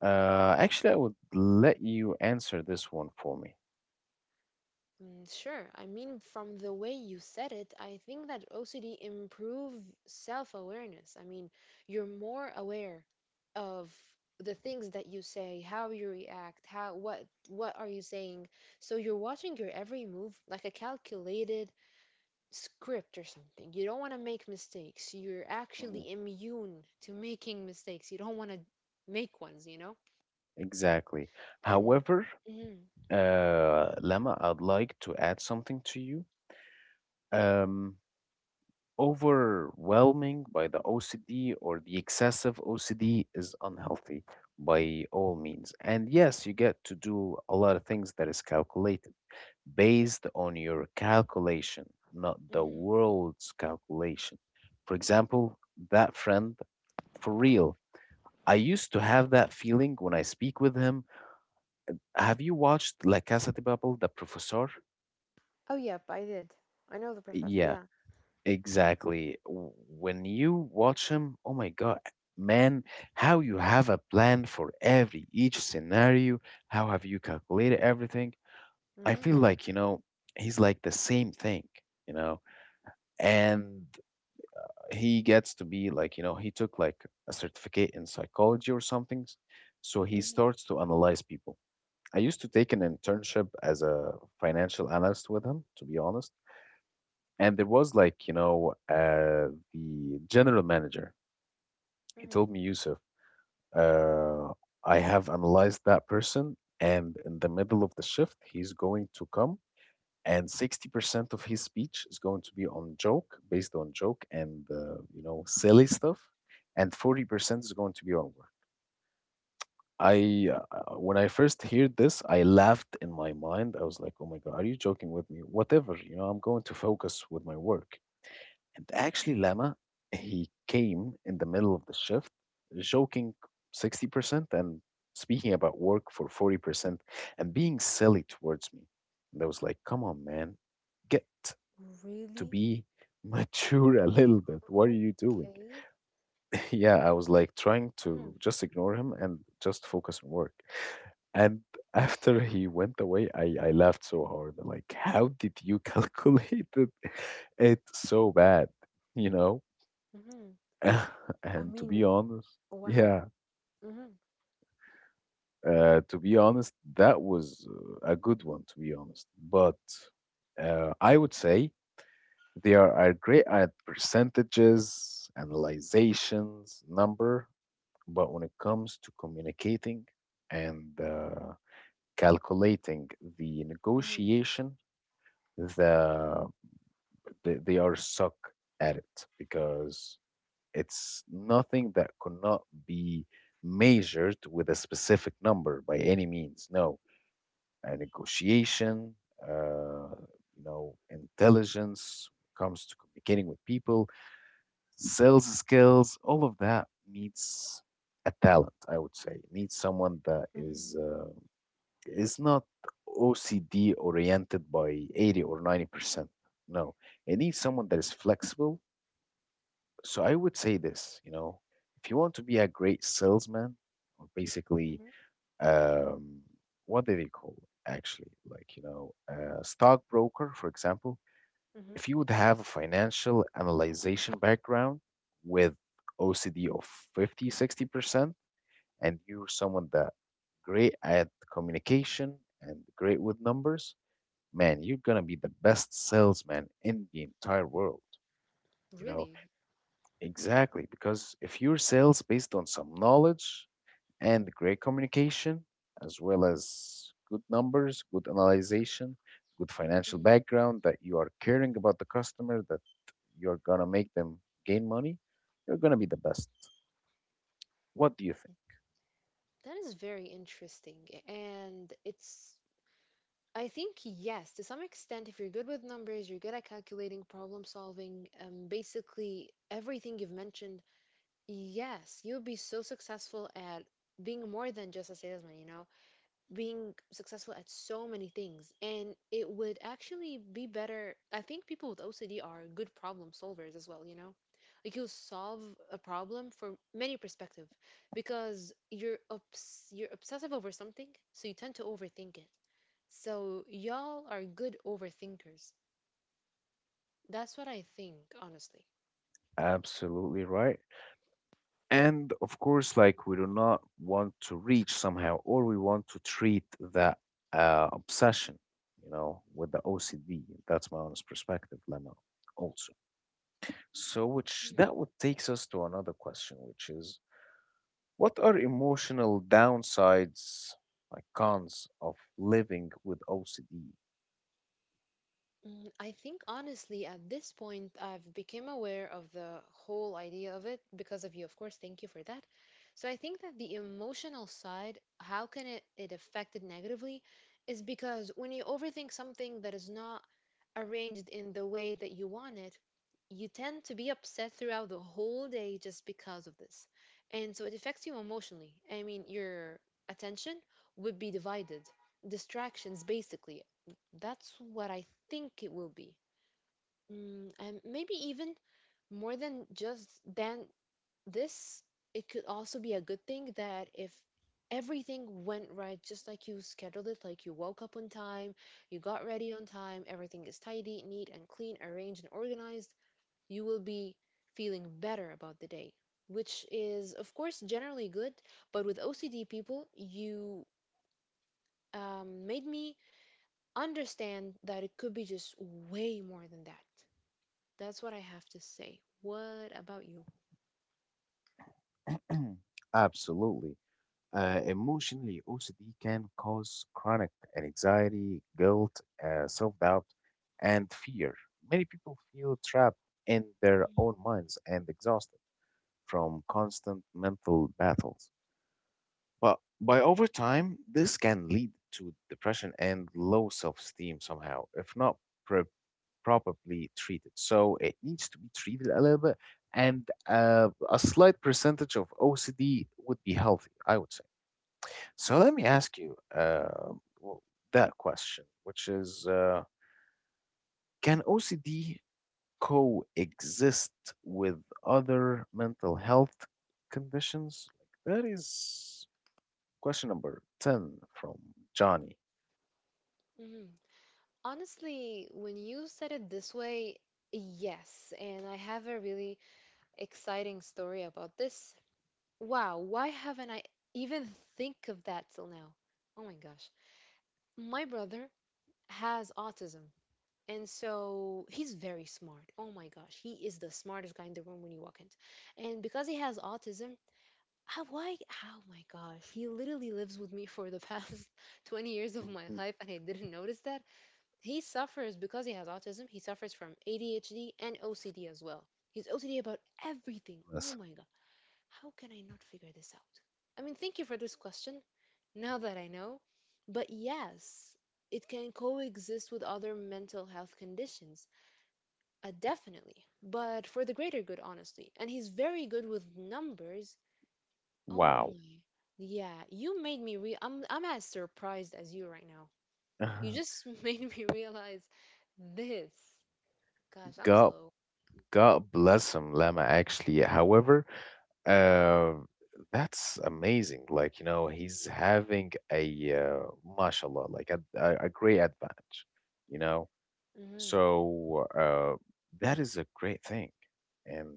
Speaker 1: Actually, I would let you answer this one for me.
Speaker 2: Mm, sure. I mean, from the way you said it, I think that OCD improve self-awareness. I mean, you're more aware of the things that you say, how you react, how what are you saying. So you're watching your every move like a calculated script or something. You don't want to make mistakes. You're
Speaker 1: Mhm.
Speaker 2: actually immune to making mistakes. You don't want to make ones, you know?
Speaker 1: Exactly.
Speaker 2: And
Speaker 1: However,
Speaker 2: hmm
Speaker 1: Lama, I'd like to add something to you. Um, Overwhelming by the OCD or the excessive OCD is unhealthy by all means. And yes, you get to do a lot of things that is calculated based on your calculation, not the
Speaker 2: hmm.
Speaker 1: world's calculation. For example, that friend for real I used to have that feeling when I speak with him. Have you watched La Casa de Papel, The Professor?
Speaker 2: Oh, yep, I did. I know the professor.
Speaker 1: Yeah,
Speaker 2: Yeah.
Speaker 1: exactly. When you watch him, oh my God, man, how you have a plan for every each scenario? How have you calculated everything? I feel
Speaker 2: Hmm.
Speaker 1: like, you know, he's like the same thing, you know, and he gets to be like, you know, he took like a certificate in psychology or something, so he
Speaker 2: Mhm,
Speaker 1: starts to analyze people. I used to take an internship as a financial analyst with him, to be honest. And there was like, you know, the general manager. He
Speaker 2: mhm.
Speaker 1: told me, Yusuf, uh, I have analyzed that person, and in the middle of the shift, he's going to come, and 60% of his speech is going to be on joke, based on joke and, you know, silly stuff, and 40% is going to be on work. I when I first heard this, I laughed in my mind. I was like, "Oh my god, are you joking with me?" Whatever, you know, I'm going to focus with my work. And actually, Lama, he came in the middle of the shift, joking 60% and speaking about work for 40% and being silly towards me. And I was like, "Come on, man, get to
Speaker 2: Really?
Speaker 1: be [laughs] mature a little bit. What are you doing?"
Speaker 2: Okay.
Speaker 1: [laughs] Yeah, I was like trying to
Speaker 2: Mhm,
Speaker 1: just ignore him and just focus on work. And [laughs] after he went away, I laughed so hard. Like, how did you calculate it, [laughs] it so bad? You know?
Speaker 2: mhm.
Speaker 1: [laughs]
Speaker 2: I
Speaker 1: And to be
Speaker 2: mean,
Speaker 1: honest,
Speaker 2: wow.
Speaker 1: yeah,
Speaker 2: Mhm,
Speaker 1: to be honest, that was a good one, to be honest. But I would say they are great at percentages, analyzations, number, but when it comes to communicating and calculating the
Speaker 2: mhm,
Speaker 1: negotiation, the, they are suck at it because it's nothing that could not be measured with a specific number by any means. No, a negotiation, uh, you know, intelligence when it comes to communicating with people sales skills, all of that needs a talent, I would say. It needs someone that
Speaker 2: mhm,
Speaker 1: is not OCD oriented by 80 or 90%. No, it needs someone that is flexible. So I would say this, you know, if you want to be a great salesman, or basically,
Speaker 2: mhm,
Speaker 1: um, what do they call it, actually? Like, you know, a stockbroker, for example,
Speaker 2: mhm.
Speaker 1: if you would have a financial analyzation background with OCD of 50, 60% and you're someone that great at communication and great with numbers, man, you're gonna be the best salesman in the entire world. You know,
Speaker 2: Really?
Speaker 1: exactly. Because if your sales based on some knowledge and great communication, as well as good numbers, good analyzation, good financial
Speaker 2: Mm.
Speaker 1: background, that you are caring about the customer, that you're gonna make them gain money, you're gonna be the best. What do you think?
Speaker 2: That is very interesting. And it's, I think, yes, to some extent, if you're good with numbers, you're good at calculating, problem solving, basically everything you've mentioned, yes, you'll be so successful at being more than just a salesman, you know? Being successful at so many things, and it would actually be better. I think people with OCD are good problem solvers as well, you know, like you'll solve a problem from many perspective because you're obsessive over something, so you tend to overthink it, so y'all are good overthinkers. That's what I think, honestly.
Speaker 1: Absolutely right. And of course, like we do not want to reach somehow, or we want to treat that obsession, you know, with the OCD. That's my honest perspective, Lemo, also. So, which that would takes us to another question, which is what are emotional downsides, like cons of living with OCD?
Speaker 2: Mm, I think honestly, at this point, I've become aware of the whole idea of it because of you, of course. Thank you for that. So I think that the emotional side, how can it affect it negatively, is because when you overthink something that is not arranged in the way that you want it, you tend to be upset throughout the whole day just because of this. And so it affects you emotionally. I mean, your attention would be divided. Distractions, basically. That's what I think it will be. Mm, and maybe even more than just than this, it could also be a good thing that if everything went right, just like you scheduled it, like you woke up on time, you got ready on time, everything is tidy, neat, and clean, arranged, and organized, you will be feeling better about the day, which is, of course, generally good. But with OCD people, you made me understand that it could be just way more than that. That's what I have to say. What about you?
Speaker 1: [clears throat] Absolutely. Emotionally, OCD can cause chronic anxiety, guilt, self doubt, and fear. Many people feel trapped in their own minds and exhausted from constant mental battles. But by over time, this can lead to depression and low self esteem somehow, if not pre- properly treated. So it needs to be treated a little bit, and a slight percentage of OCD would be healthy, I would say. So let me ask you w- that question, which is can OCD coexist with other mental health conditions? Like that is question number 10 from Johnny.
Speaker 2: Mhm. Honestly, when you said it this way, yes. And I have a really exciting story about this. Wow, why haven't I even think of that till now? Oh my gosh. My brother has autism. And so he's very smart. Oh my gosh, he is the smartest guy in the room when you walk in. And because he has autism, how, why? Oh my gosh. He literally lives with me for the past [laughs] 20 years of my
Speaker 1: Mhm.
Speaker 2: life, and I didn't notice that. He suffers because he has autism, he suffers from ADHD and OCD as well. He's OCD about everything. Oh
Speaker 1: Yes.
Speaker 2: my God. How can I not figure this out? I mean, thank you for this question, now that I know. But yes, it can coexist with other mental health conditions, definitely, but for the greater good, honestly. And he's very good with numbers. Oh
Speaker 1: Wow.
Speaker 2: my. Yeah, you made me real I'm as surprised as you right now. You
Speaker 1: [laughs]
Speaker 2: just [laughs] made me realize this. Gosh, I'm
Speaker 1: Go
Speaker 2: slow.
Speaker 1: God bless him, Lama, actually. Yeah. However, uh, that's amazing. Like, you know, he's having mashallah, like a great advantage, you know?
Speaker 2: Hmm.
Speaker 1: So that is a great thing. And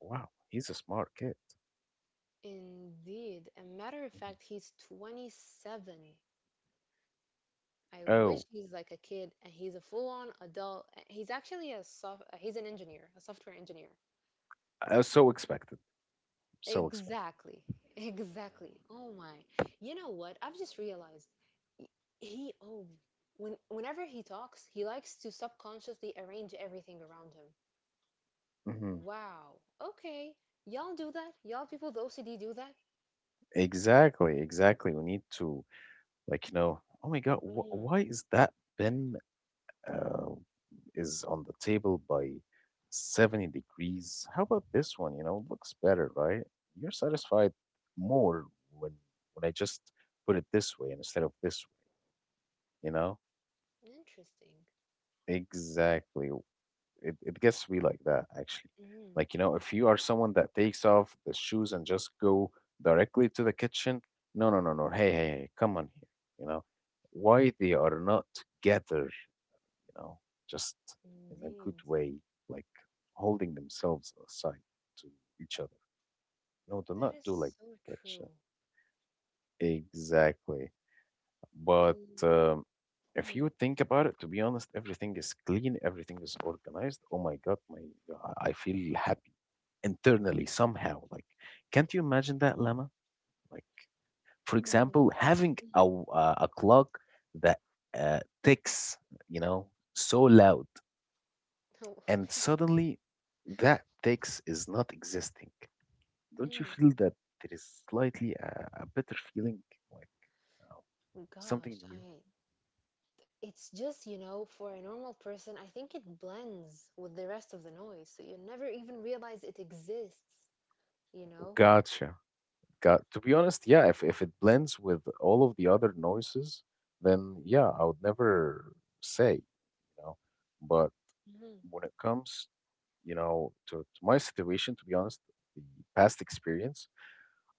Speaker 1: wow, he's a smart kid.
Speaker 2: Indeed. A matter of
Speaker 1: Mhm.
Speaker 2: fact, he's 27. I wish
Speaker 1: Oh,
Speaker 2: he's like a kid and he's a full-on adult. He's actually a soft, he's an engineer, a software engineer.
Speaker 1: so expected. So expected.
Speaker 2: Exactly. [laughs] Exactly. Oh my. You know what? I've just realized y- he oh when whenever he talks, he likes to subconsciously arrange everything around him.
Speaker 1: Hmm.
Speaker 2: Wow. Okay. Y'all do that? Y'all people with OCD do that?
Speaker 1: Exactly, exactly. We need to, like, you know, oh my God, wh
Speaker 2: Mm.
Speaker 1: why is that Ben uh, is on the table by 70 degrees. How about this one? You know, looks better, right? You're satisfied more when when I just put it this way instead of this way, you know?
Speaker 2: Interesting.
Speaker 1: Exactly. It gets to be like that actually.
Speaker 2: Mm,
Speaker 1: Like, you know, if you are someone that takes off the shoes and just go directly to the kitchen, no, no, no, no. Hey, hey, hey, come on here. You know, why they are not together, you know, just in a
Speaker 2: indeed.
Speaker 1: good way, like holding themselves aside to each other. No, do not
Speaker 2: That is
Speaker 1: do like
Speaker 2: so
Speaker 1: that shit.
Speaker 2: true.
Speaker 1: Exactly. But
Speaker 2: And
Speaker 1: um, if
Speaker 2: mm,
Speaker 1: you think about it, to be honest, everything is clean, everything is organized. Oh my God, my I feel happy internally somehow. Like, can't you imagine that, Lama? Like, for
Speaker 2: mm,
Speaker 1: example, having
Speaker 2: mm. [laughs]
Speaker 1: a clock that ticks, you know, so loud.
Speaker 2: Oh,
Speaker 1: And
Speaker 2: okay.
Speaker 1: suddenly that text is not existing. Don't you
Speaker 2: Mm.
Speaker 1: feel that there is slightly a better feeling, like, you know, something
Speaker 2: Gosh,
Speaker 1: new?
Speaker 2: I it's just, you know, for a normal person, I think it blends with the rest of the noise, so you never even realize it exists, you know?
Speaker 1: Gotcha. Got to be honest, yeah, if it blends with all of the other noises, then yeah, I would never say, you know. But
Speaker 2: Hmm.
Speaker 1: when it comes, you know, to my situation, to be honest, the past experience,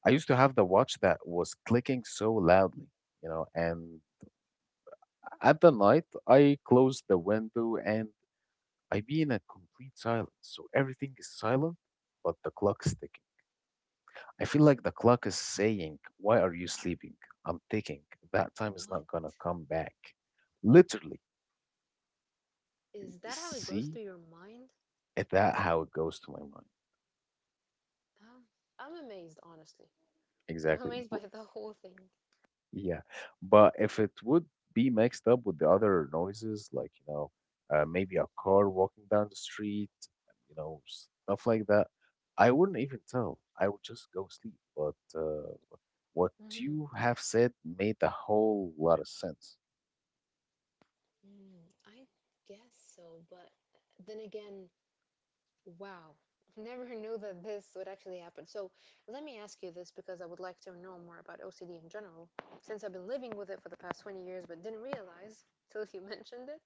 Speaker 1: I used to have the watch that was clicking so loudly, you know, and at the night, I close the window and I be in a complete silence. So everything is silent, but the clock is ticking. I feel like the clock is saying, "Why are you sleeping? I'm ticking. That time is
Speaker 2: What
Speaker 1: not gonna come back." Literally,
Speaker 2: is that how it goes
Speaker 1: see
Speaker 2: through your mind?
Speaker 1: it, that how it goes to my mind.
Speaker 2: Um, I'm amazed, honestly. [laughs] I'm
Speaker 1: Exactly.
Speaker 2: amazed by the whole thing.
Speaker 1: Yeah, but if it would be mixed up with the other noises, like, you know, maybe a car walking down the street, you know, stuff like that, I wouldn't even tell. I would just go sleep. But what
Speaker 2: Hmm.
Speaker 1: you have said made a whole lot of sense.
Speaker 2: Mm, I guess so, but then again, wow. [laughs] Never knew that this would actually happen. So let me ask you this because I would like to know more about OCD in general, since I've been living with it for the past 20 years but didn't realize till you [laughs] mentioned it.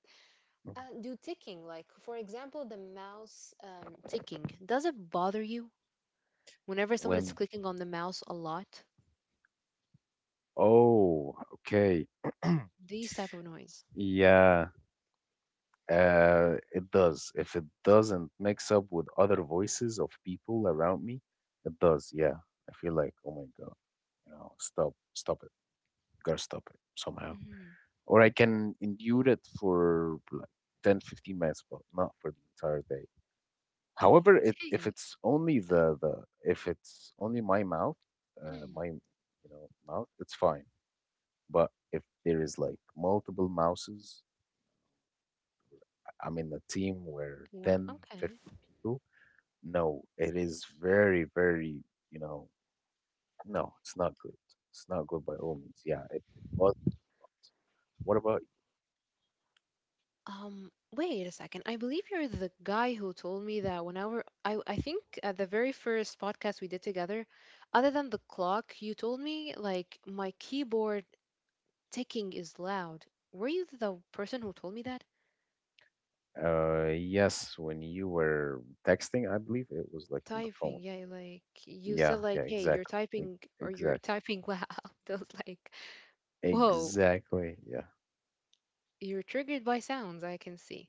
Speaker 1: Mhm.
Speaker 2: Do ticking, like for example, the mouse ticking, does it bother you whenever someone is
Speaker 1: When,
Speaker 2: clicking on the mouse a lot?
Speaker 1: oh, okay. [clears throat]
Speaker 2: These type of noise.
Speaker 1: Yeah. It does. If it doesn't mix up with other voices of people around me, it does. Yeah. I feel like, oh my God, you know, stop, stop it. Gotta stop it somehow.
Speaker 2: Hmm.
Speaker 1: Or I can endure it for like 10, 15 minutes, but not for the entire day. However, it,
Speaker 2: Hey.
Speaker 1: if it's only
Speaker 2: Uh,
Speaker 1: the, if
Speaker 2: mhm.
Speaker 1: it's only my mouth, my, you know, mouth, it's fine. But if there is like multiple mouses, I'm in a team
Speaker 2: Wow.
Speaker 1: where
Speaker 2: Okay.
Speaker 1: 10, 15 people, no, it is very, very, you know, no, it's not good. It's not good by all means. Yeah, it was. What about?
Speaker 2: Wait a second. I believe you're the guy who told me that whenever I think at the very first podcast we did together, other than the clock, you told me like my keyboard ticking is loud. Were you the person who told me that?
Speaker 1: Yes, when you were texting, I believe it was like on the
Speaker 2: Typing,
Speaker 1: phone.
Speaker 2: yeah, like you said
Speaker 1: Yeah, yeah,
Speaker 2: like, "Hey, you're
Speaker 1: exactly,
Speaker 2: typing or you're
Speaker 1: exactly,
Speaker 2: typing loud." [laughs] I was like, "Whoa,
Speaker 1: exactly. Yeah.
Speaker 2: you're triggered by sounds, I can see."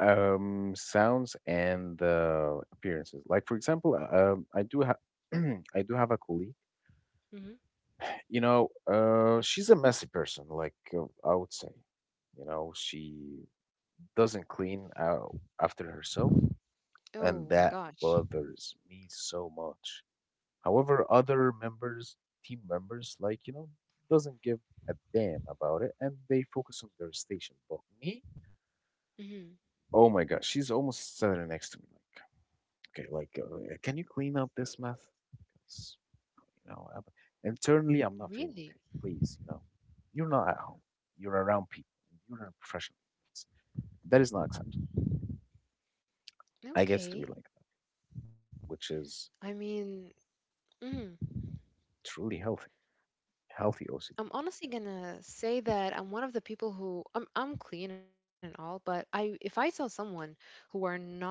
Speaker 1: Sounds and appearances. Like, for example, I do have, [clears throat] I do have a colleague.
Speaker 2: Hmm.
Speaker 1: You know, she's a messy person. Like I would say, you know, she doesn't clean out after herself, and
Speaker 2: Oh my
Speaker 1: that
Speaker 2: gosh.
Speaker 1: bothers me so much. However, other members, team members, like, you know, doesn't give a damn about it and they focus on their station. But me,
Speaker 2: Hmm.
Speaker 1: oh my gosh, she's almost sitting next to me. Like, okay, like, can you clean up this mess? Because, you know, I'm, internally, I'm not feeling
Speaker 2: Really?
Speaker 1: okay. Please, you know, you're not at home. You're around people. You're in a professional place. That is not acceptable. I guess to be like
Speaker 2: Okay.
Speaker 1: that, which is
Speaker 2: I mean, mhm.
Speaker 1: truly healthy OCD.
Speaker 2: I'm honestly gonna say that I'm one of the people who I'm clean and all, but I if I saw someone who are not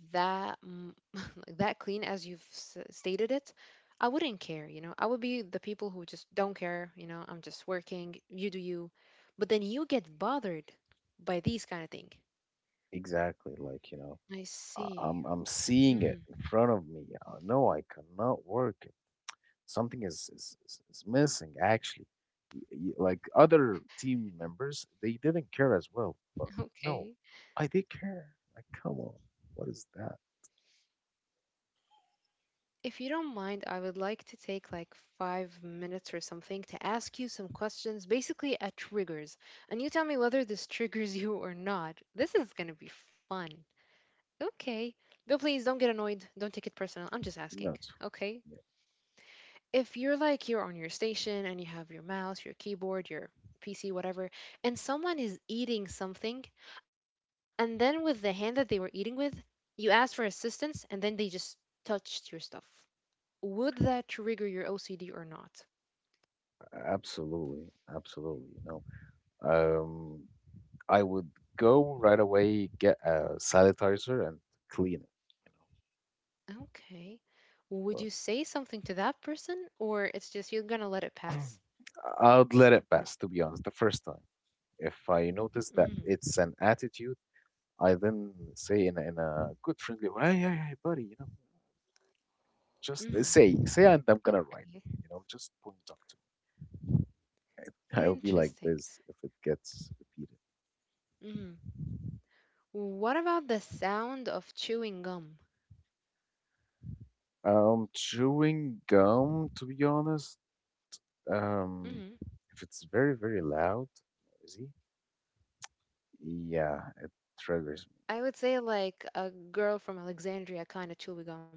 Speaker 2: that mm, [laughs] like that clean as you've s- stated it, I wouldn't care. You know, I would be the people who just don't care. You know, I'm just working. You do you, but then you get bothered by these kind of thing.
Speaker 1: Exactly. Like, you know,
Speaker 2: I
Speaker 1: I, I'm
Speaker 2: see.
Speaker 1: I'm seeing it
Speaker 2: Mm,
Speaker 1: in front of me. No, I cannot work it. Something is missing actually. Like other team members, they didn't care as well. But
Speaker 2: [laughs]
Speaker 1: no,
Speaker 2: okay.
Speaker 1: I did care. Like, come on, what is that?
Speaker 2: If you don't mind, I would like to take like 5 minutes or something to ask you some questions, basically a triggers, and you tell me whether this triggers [laughs] you or not. This is gonna be fun. Okay. But please don't get annoyed. Don't take it personal. I'm just
Speaker 1: No,
Speaker 2: asking.
Speaker 1: it's
Speaker 2: Okay.
Speaker 1: fine.
Speaker 2: If you're like you're on your station and you have your mouse, your keyboard, your PC, whatever, and someone is eating something, and then with the hand that they were eating with, you ask for assistance and then they just touched your stuff. Would that trigger your OCD or not?
Speaker 1: Yeah, absolutely, absolutely. You know, I would go right away get a sanitizer and clean it. You
Speaker 2: Okay. Would
Speaker 1: know,
Speaker 2: you say something to that person or it's just you're gonna let it pass?
Speaker 1: I'd let it pass, to be honest, the first time. If I notice that
Speaker 2: Mm,
Speaker 1: it's an attitude, I then say in a good friendly way, hey, hey, hey, buddy, just
Speaker 2: mm,
Speaker 1: say, and I'm gonna write,
Speaker 2: okay.
Speaker 1: just point talk to me. [laughs] I'll be like
Speaker 2: Interesting.
Speaker 1: this if it gets repeated.
Speaker 2: Mm. What about the sound of chewing gum?
Speaker 1: Chewing gum, to be honest, um,
Speaker 2: Mm.
Speaker 1: if it's very, very loud, noisy, yeah, it triggers me.
Speaker 2: I would say like a girl from Alexandria kind of chewy gum.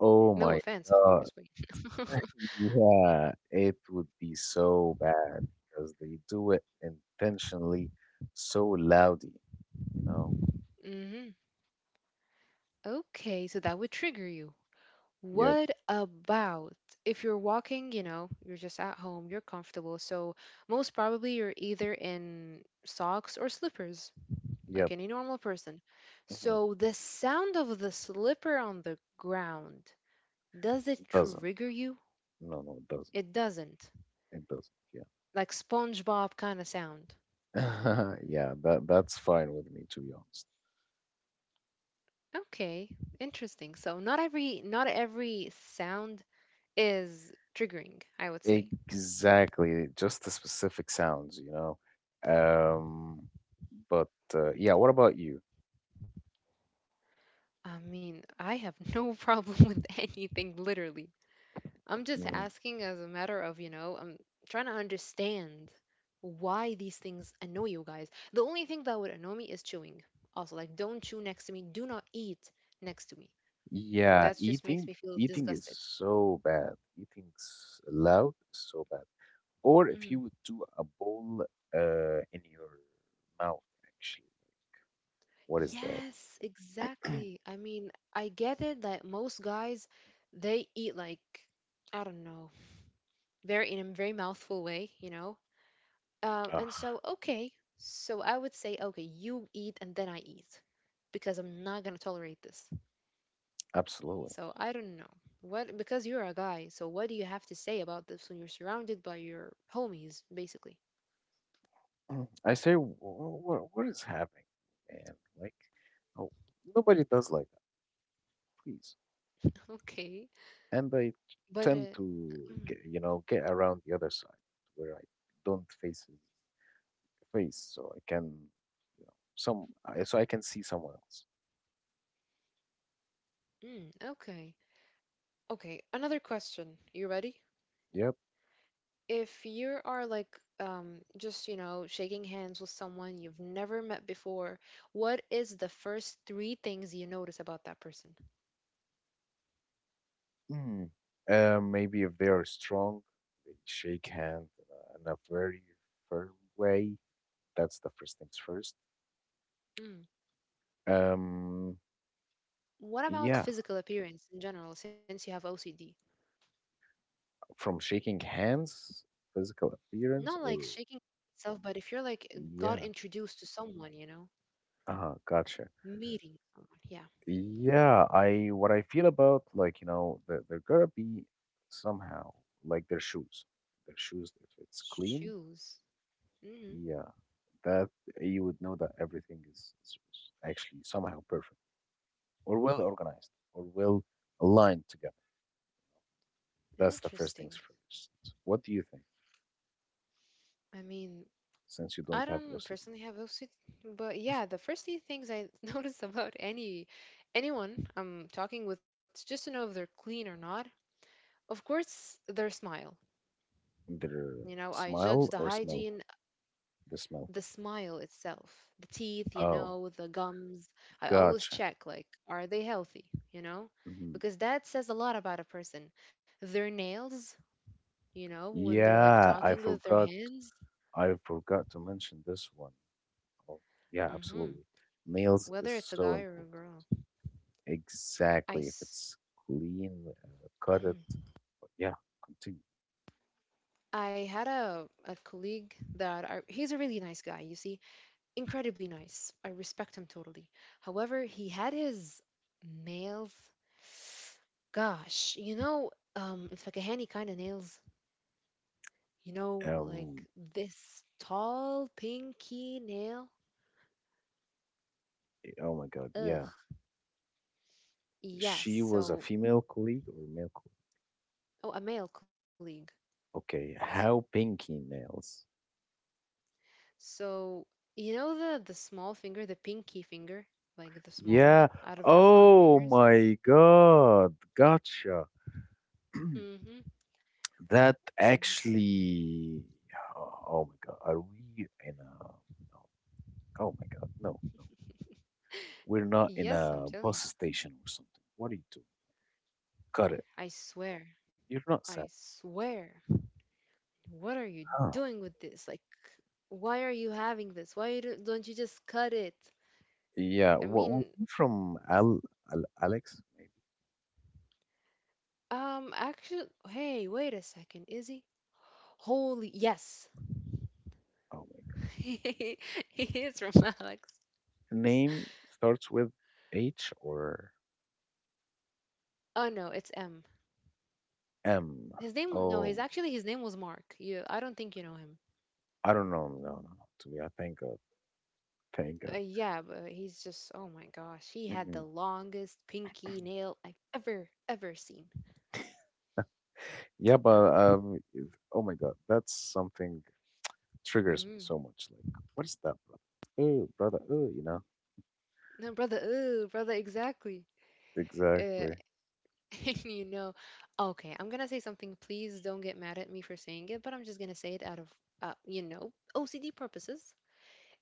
Speaker 1: Oh
Speaker 2: No
Speaker 1: my
Speaker 2: offense, of course,
Speaker 1: God.
Speaker 2: but. [laughs]
Speaker 1: Yeah, it would be so bad because they do it intentionally so loudly, you know.
Speaker 2: Hmm. Okay, so that would trigger you.
Speaker 1: Yep,
Speaker 2: What about if you're walking, you know, you're just at home, you're comfortable, so most probably you're either in socks or slippers, like
Speaker 1: yep.
Speaker 2: any normal person.
Speaker 1: Mhm.
Speaker 2: So the sound of the slipper on the ground, does it
Speaker 1: It doesn't.
Speaker 2: trigger you?
Speaker 1: No, no, it doesn't.
Speaker 2: It doesn't.
Speaker 1: It doesn't. Yeah.
Speaker 2: Like SpongeBob kind of sound.
Speaker 1: [laughs] Yeah, that's fine with me, to be honest.
Speaker 2: Okay, interesting. So not every sound is triggering, I would say.
Speaker 1: Exactly, just the specific sounds. Um, but yeah, what about you?
Speaker 2: I mean, I have no [laughs] problem with anything, literally. I'm just
Speaker 1: Mm,
Speaker 2: asking as a matter of, you know, I'm trying to understand why these things annoy you guys. The only thing that would annoy me is chewing. Also, like, don't chew next to me. Do not eat next to me.
Speaker 1: yeah,
Speaker 2: That just makes
Speaker 1: eating
Speaker 2: me feel
Speaker 1: eating is
Speaker 2: disgusted.
Speaker 1: so bad. Eating loud is so bad. Or if
Speaker 2: Mm.
Speaker 1: you would do a bowl in your mouth, actually. What is that?
Speaker 2: Yes, exactly. I mean, I get it that most guys, they eat like, I don't know, very in a very mouthful way, you know? And
Speaker 1: Ah,
Speaker 2: so, okay, so I would say, okay, you eat and then I eat because I'm not gonna tolerate this.
Speaker 1: absolutely.
Speaker 2: So I don't know what because you're a guy. So what do you have to say about this when you're surrounded by your homies, basically? [laughs]
Speaker 1: Mm. I say, what is happening, man? Like, oh, nobody does like that, please.
Speaker 2: Okay,
Speaker 1: And I
Speaker 2: but
Speaker 1: tend
Speaker 2: uh,
Speaker 1: to, get,
Speaker 2: mm,
Speaker 1: you know, get around the other side where I don't face his face, so I can, you know, some, I- so I can see someone else.
Speaker 2: okay, okay. Another question. You ready?
Speaker 1: Yep.
Speaker 2: If you are like just you know shaking hands with someone you've never met before, what is the first three things you notice about that person?
Speaker 1: Mm. Maybe if they are strong, they shake hand in a very firm way. That's the first things first.
Speaker 2: Mm.
Speaker 1: Um,
Speaker 2: What about
Speaker 1: yeah,
Speaker 2: physical appearance in general, since you have OCD?
Speaker 1: from shaking hands, physical appearance,
Speaker 2: Not
Speaker 1: or
Speaker 2: like shaking itself, but if you're like got
Speaker 1: yeah,
Speaker 2: introduced to someone, you know,
Speaker 1: gotcha.
Speaker 2: meeting someone, yeah.
Speaker 1: Yeah, I what I feel about, like, you know, they're gonna be somehow like their shoes, if it's clean.
Speaker 2: Shoes. Mm,
Speaker 1: Yeah, that you would know that everything is actually somehow perfect, or well organized, or well aligned together. That's the first things
Speaker 2: interesting.
Speaker 1: first. What do you think,
Speaker 2: I mean,
Speaker 1: since you
Speaker 2: I
Speaker 1: don't have
Speaker 2: don't
Speaker 1: OCD?
Speaker 2: personally have OCD, but yeah, the first three things I [laughs] notice about anyone I'm talking with, just to know if they're clean or not. Of course, their smile. You
Speaker 1: Either
Speaker 2: know, I judge the
Speaker 1: smile or smell?
Speaker 2: hygiene,
Speaker 1: The
Speaker 2: the
Speaker 1: smell.
Speaker 2: smile itself, the teeth, you
Speaker 1: Oh,
Speaker 2: know, the gums. I always
Speaker 1: gotcha.
Speaker 2: check, like, are they healthy, you know?
Speaker 1: Hmm.
Speaker 2: Because that says a lot about a person. Their nails, you know, when they're like
Speaker 1: Yeah,
Speaker 2: talking
Speaker 1: I
Speaker 2: with their
Speaker 1: forgot.
Speaker 2: hands,
Speaker 1: I forgot to mention this one. Oh, yeah, absolutely.
Speaker 2: hmm
Speaker 1: Nails is
Speaker 2: whether it's a
Speaker 1: so
Speaker 2: guy or a
Speaker 1: important.
Speaker 2: girl. I,
Speaker 1: Exactly. If it's
Speaker 2: s-
Speaker 1: clean, cut it.
Speaker 2: mhm.
Speaker 1: Yeah, continue.
Speaker 2: I had a colleague that he's a really nice guy, you see. Incredibly nice. I respect him totally. However, he had his nails. Gosh, you know, الفكهاني kind of nails. You know, like
Speaker 1: Um.
Speaker 2: this tall, pinky nail.
Speaker 1: Oh my God. Yeah.
Speaker 2: Ugh. Yes.
Speaker 1: She was a
Speaker 2: So,
Speaker 1: female colleague or male colleague?
Speaker 2: oh, a male colleague.
Speaker 1: Okay, how pinky nails?
Speaker 2: So, you know the small finger, the pinky finger, like the small
Speaker 1: Yeah.
Speaker 2: one out of your five
Speaker 1: Oh
Speaker 2: fingers.
Speaker 1: my God. Gotcha. [clears throat]
Speaker 2: Mm-hmm.
Speaker 1: That
Speaker 2: [laughs]
Speaker 1: actually, oh my God, are we in a? No. Oh my God, no, no, we're not in
Speaker 2: Yes,
Speaker 1: a
Speaker 2: I'm
Speaker 1: bus
Speaker 2: telling you.
Speaker 1: station or something. What are you doing? Cut it.
Speaker 2: I swear.
Speaker 1: You're not
Speaker 2: I
Speaker 1: sad.
Speaker 2: swear. What are you
Speaker 1: Huh.
Speaker 2: doing with this? Like, why are you having this? Why you don't you just cut it?
Speaker 1: Yeah.
Speaker 2: I
Speaker 1: What was
Speaker 2: mean,
Speaker 1: he from? Al, Al Alex, maybe.
Speaker 2: actually, hey, wait a second, is he? Holy, yes,
Speaker 1: Oh my
Speaker 2: [laughs] he is from Alex.
Speaker 1: God. Name starts with H or
Speaker 2: Oh no, it's M.
Speaker 1: M.
Speaker 2: His name, no, his
Speaker 1: Oh,
Speaker 2: actually his name was Mark. You, I don't think you know him.
Speaker 1: I don't know. No, no, no. To me, I thank God. Thank God.
Speaker 2: Yeah, but he's just, oh my gosh, he had the
Speaker 1: Mm,
Speaker 2: longest pinky nail I've ever seen.
Speaker 1: yeah,
Speaker 2: Yeah.
Speaker 1: but oh my God, that's something triggers me
Speaker 2: hmm
Speaker 1: so much. Like, what is that, brother? Oh, brother. Oh, you know.
Speaker 2: No, brother, oh brother, exactly. Uh,
Speaker 1: Exactly.
Speaker 2: [laughs] And you know, okay, I'm gonna say something. Please don't get mad at me for saying it, but I'm just gonna say it out of, you know, OCD purposes.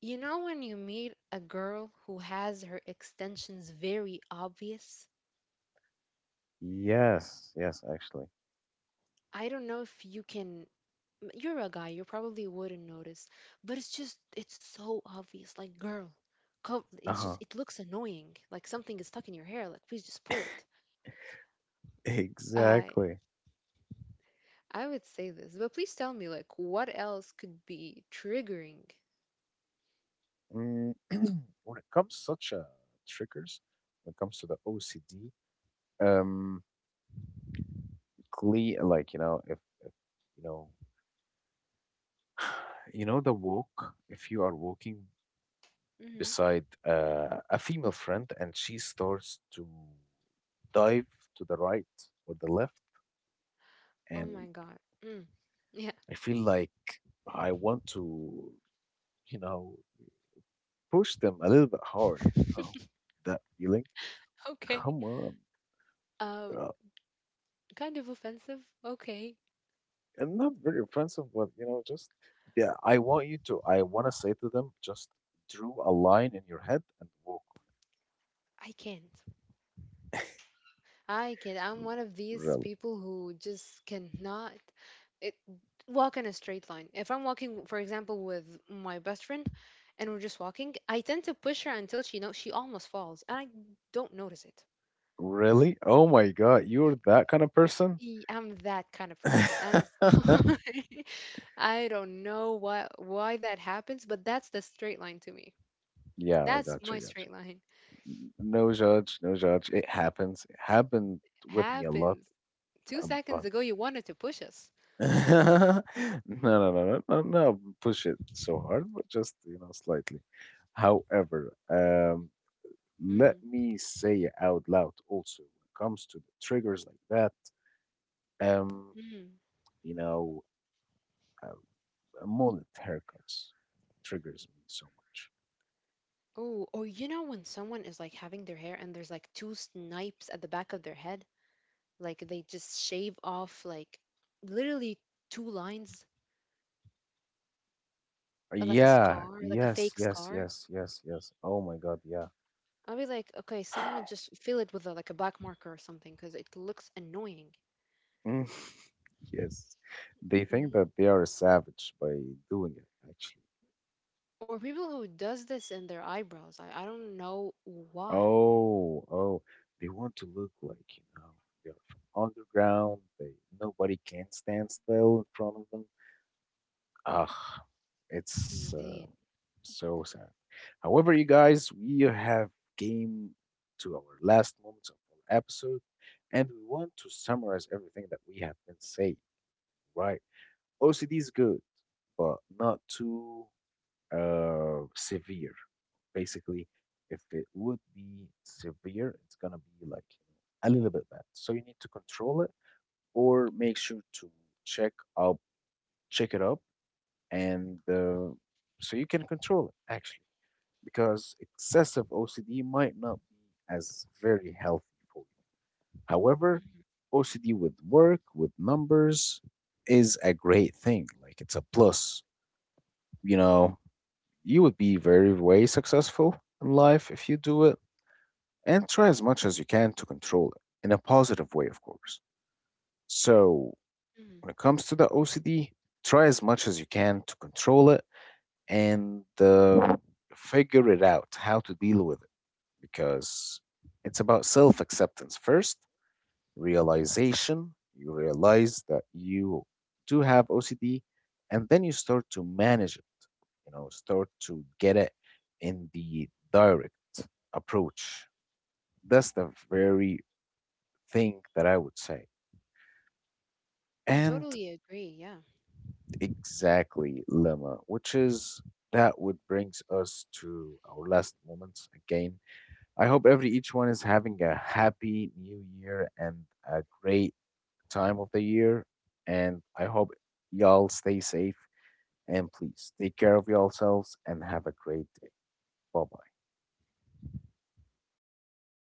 Speaker 2: You know, when you meet a girl who has her extensions very obvious,
Speaker 1: Yes. Yes. Actually.
Speaker 2: I don't know if you can. You're a guy, you probably wouldn't notice, but it's so obvious. Like, girl,
Speaker 1: Uh
Speaker 2: it's just,
Speaker 1: huh.
Speaker 2: it looks annoying. Like something is stuck in your hair. Like, please just pull
Speaker 1: [laughs]
Speaker 2: it. I
Speaker 1: Exactly.
Speaker 2: I would say this, but please tell me, like, what else could be triggering.
Speaker 1: Mm. [clears throat] when it comes such uh, triggers, when it comes to the OCD, um, cle like, if, if you know, [sighs] you know the walk. If you are walking
Speaker 2: Mm-hmm.
Speaker 1: beside a female friend, and she starts to dive to the right or the left,
Speaker 2: Oh my
Speaker 1: and
Speaker 2: god. Mm. Yeah.
Speaker 1: I feel like I want to, you know, push them a little bit hard, you know,
Speaker 2: [laughs]
Speaker 1: that feeling.
Speaker 2: Okay.
Speaker 1: Come on,
Speaker 2: Uh,
Speaker 1: uh,
Speaker 2: Kind of offensive. Okay.
Speaker 1: and not very offensive, but just yeah, I want to say to them, just drew a line in your head and walk
Speaker 2: I can't. I can't.
Speaker 1: on.
Speaker 2: I'm
Speaker 1: it.
Speaker 2: one of these
Speaker 1: Really,
Speaker 2: people who just cannot it, walk in a straight line. If I'm walking, for example, with my best friend, and we're just walking, I tend to push her until she know she almost falls, and I don't notice it.
Speaker 1: really? Oh my God, you're that kind of person?
Speaker 2: I'm that kind of person, and I'm sorry.
Speaker 1: [laughs]
Speaker 2: [laughs] I don't know why that happens, but that's the straight line to me.
Speaker 1: Yeah, I
Speaker 2: That's
Speaker 1: gotcha,
Speaker 2: my
Speaker 1: gotcha.
Speaker 2: straight line.
Speaker 1: No judge, no judge. It happens. It happened with me a lot,
Speaker 2: Happens. Two
Speaker 1: but
Speaker 2: seconds ago, you wanted to push us.
Speaker 1: [laughs] no, no, no, no, no, no. Push it so hard, but just slightly. However, let
Speaker 2: Mm,
Speaker 1: me say it out loud. Also, when it comes to the triggers like that, um,
Speaker 2: mm.
Speaker 1: you know, um, mullet haircuts triggers me so much.
Speaker 2: Oh, or you know when someone is like having their hair and there's like two snipes at the back of their head, like they just shave off like literally two lines, like a
Speaker 1: Yeah.
Speaker 2: scar, like a
Speaker 1: Yes.
Speaker 2: fake
Speaker 1: Yes.
Speaker 2: scar.
Speaker 1: Yes. Yes. Yes. Oh my God. Yeah.
Speaker 2: I'll be like, okay, someone
Speaker 1: [sighs]
Speaker 2: just fill it with a, like a black marker or something because it looks annoying.
Speaker 1: Mm. Yes, they think that
Speaker 2: Hmm
Speaker 1: they are a savage by doing it, actually.
Speaker 2: Or people who does this in their eyebrows. I don't know why.
Speaker 1: Oh, they want to look like, they are from underground, they nobody can stand still in front of them. Ah, it's
Speaker 2: Indeed.
Speaker 1: so sad. However, you guys, we have came to our last moments of our episode, and we want to summarize everything that we have been saying, right? OCD is good, but not too severe, basically. If it would be severe, it's gonna be like, a little bit bad, so you need to control it, or make sure to check up check it up, and so you can control it, actually, because excessive OCD might not be as very healthy for you. However, OCD with work with numbers is a great thing, like it's a plus you know You would be very, very successful in life if you do it, and try as much as you can to control it in a positive way, of course. So,
Speaker 2: Mhm.
Speaker 1: when it comes to the OCD, try as much as you can to control it, and figure it out how to deal with it, because it's about self acceptance first realization, you realize that you do have OCD, and then you start to manage it, start to get it in the direct approach. That's the very thing that I would say.
Speaker 2: Mm,
Speaker 1: And
Speaker 2: totally agree. Yeah.
Speaker 1: exactly, Lemma, which is that would brings us to our last moments again. I hope every each one is having a Happy New Year and a great time of the year. And I hope y'all stay safe, and please take care of yourselves, and have a great day. Bye bye.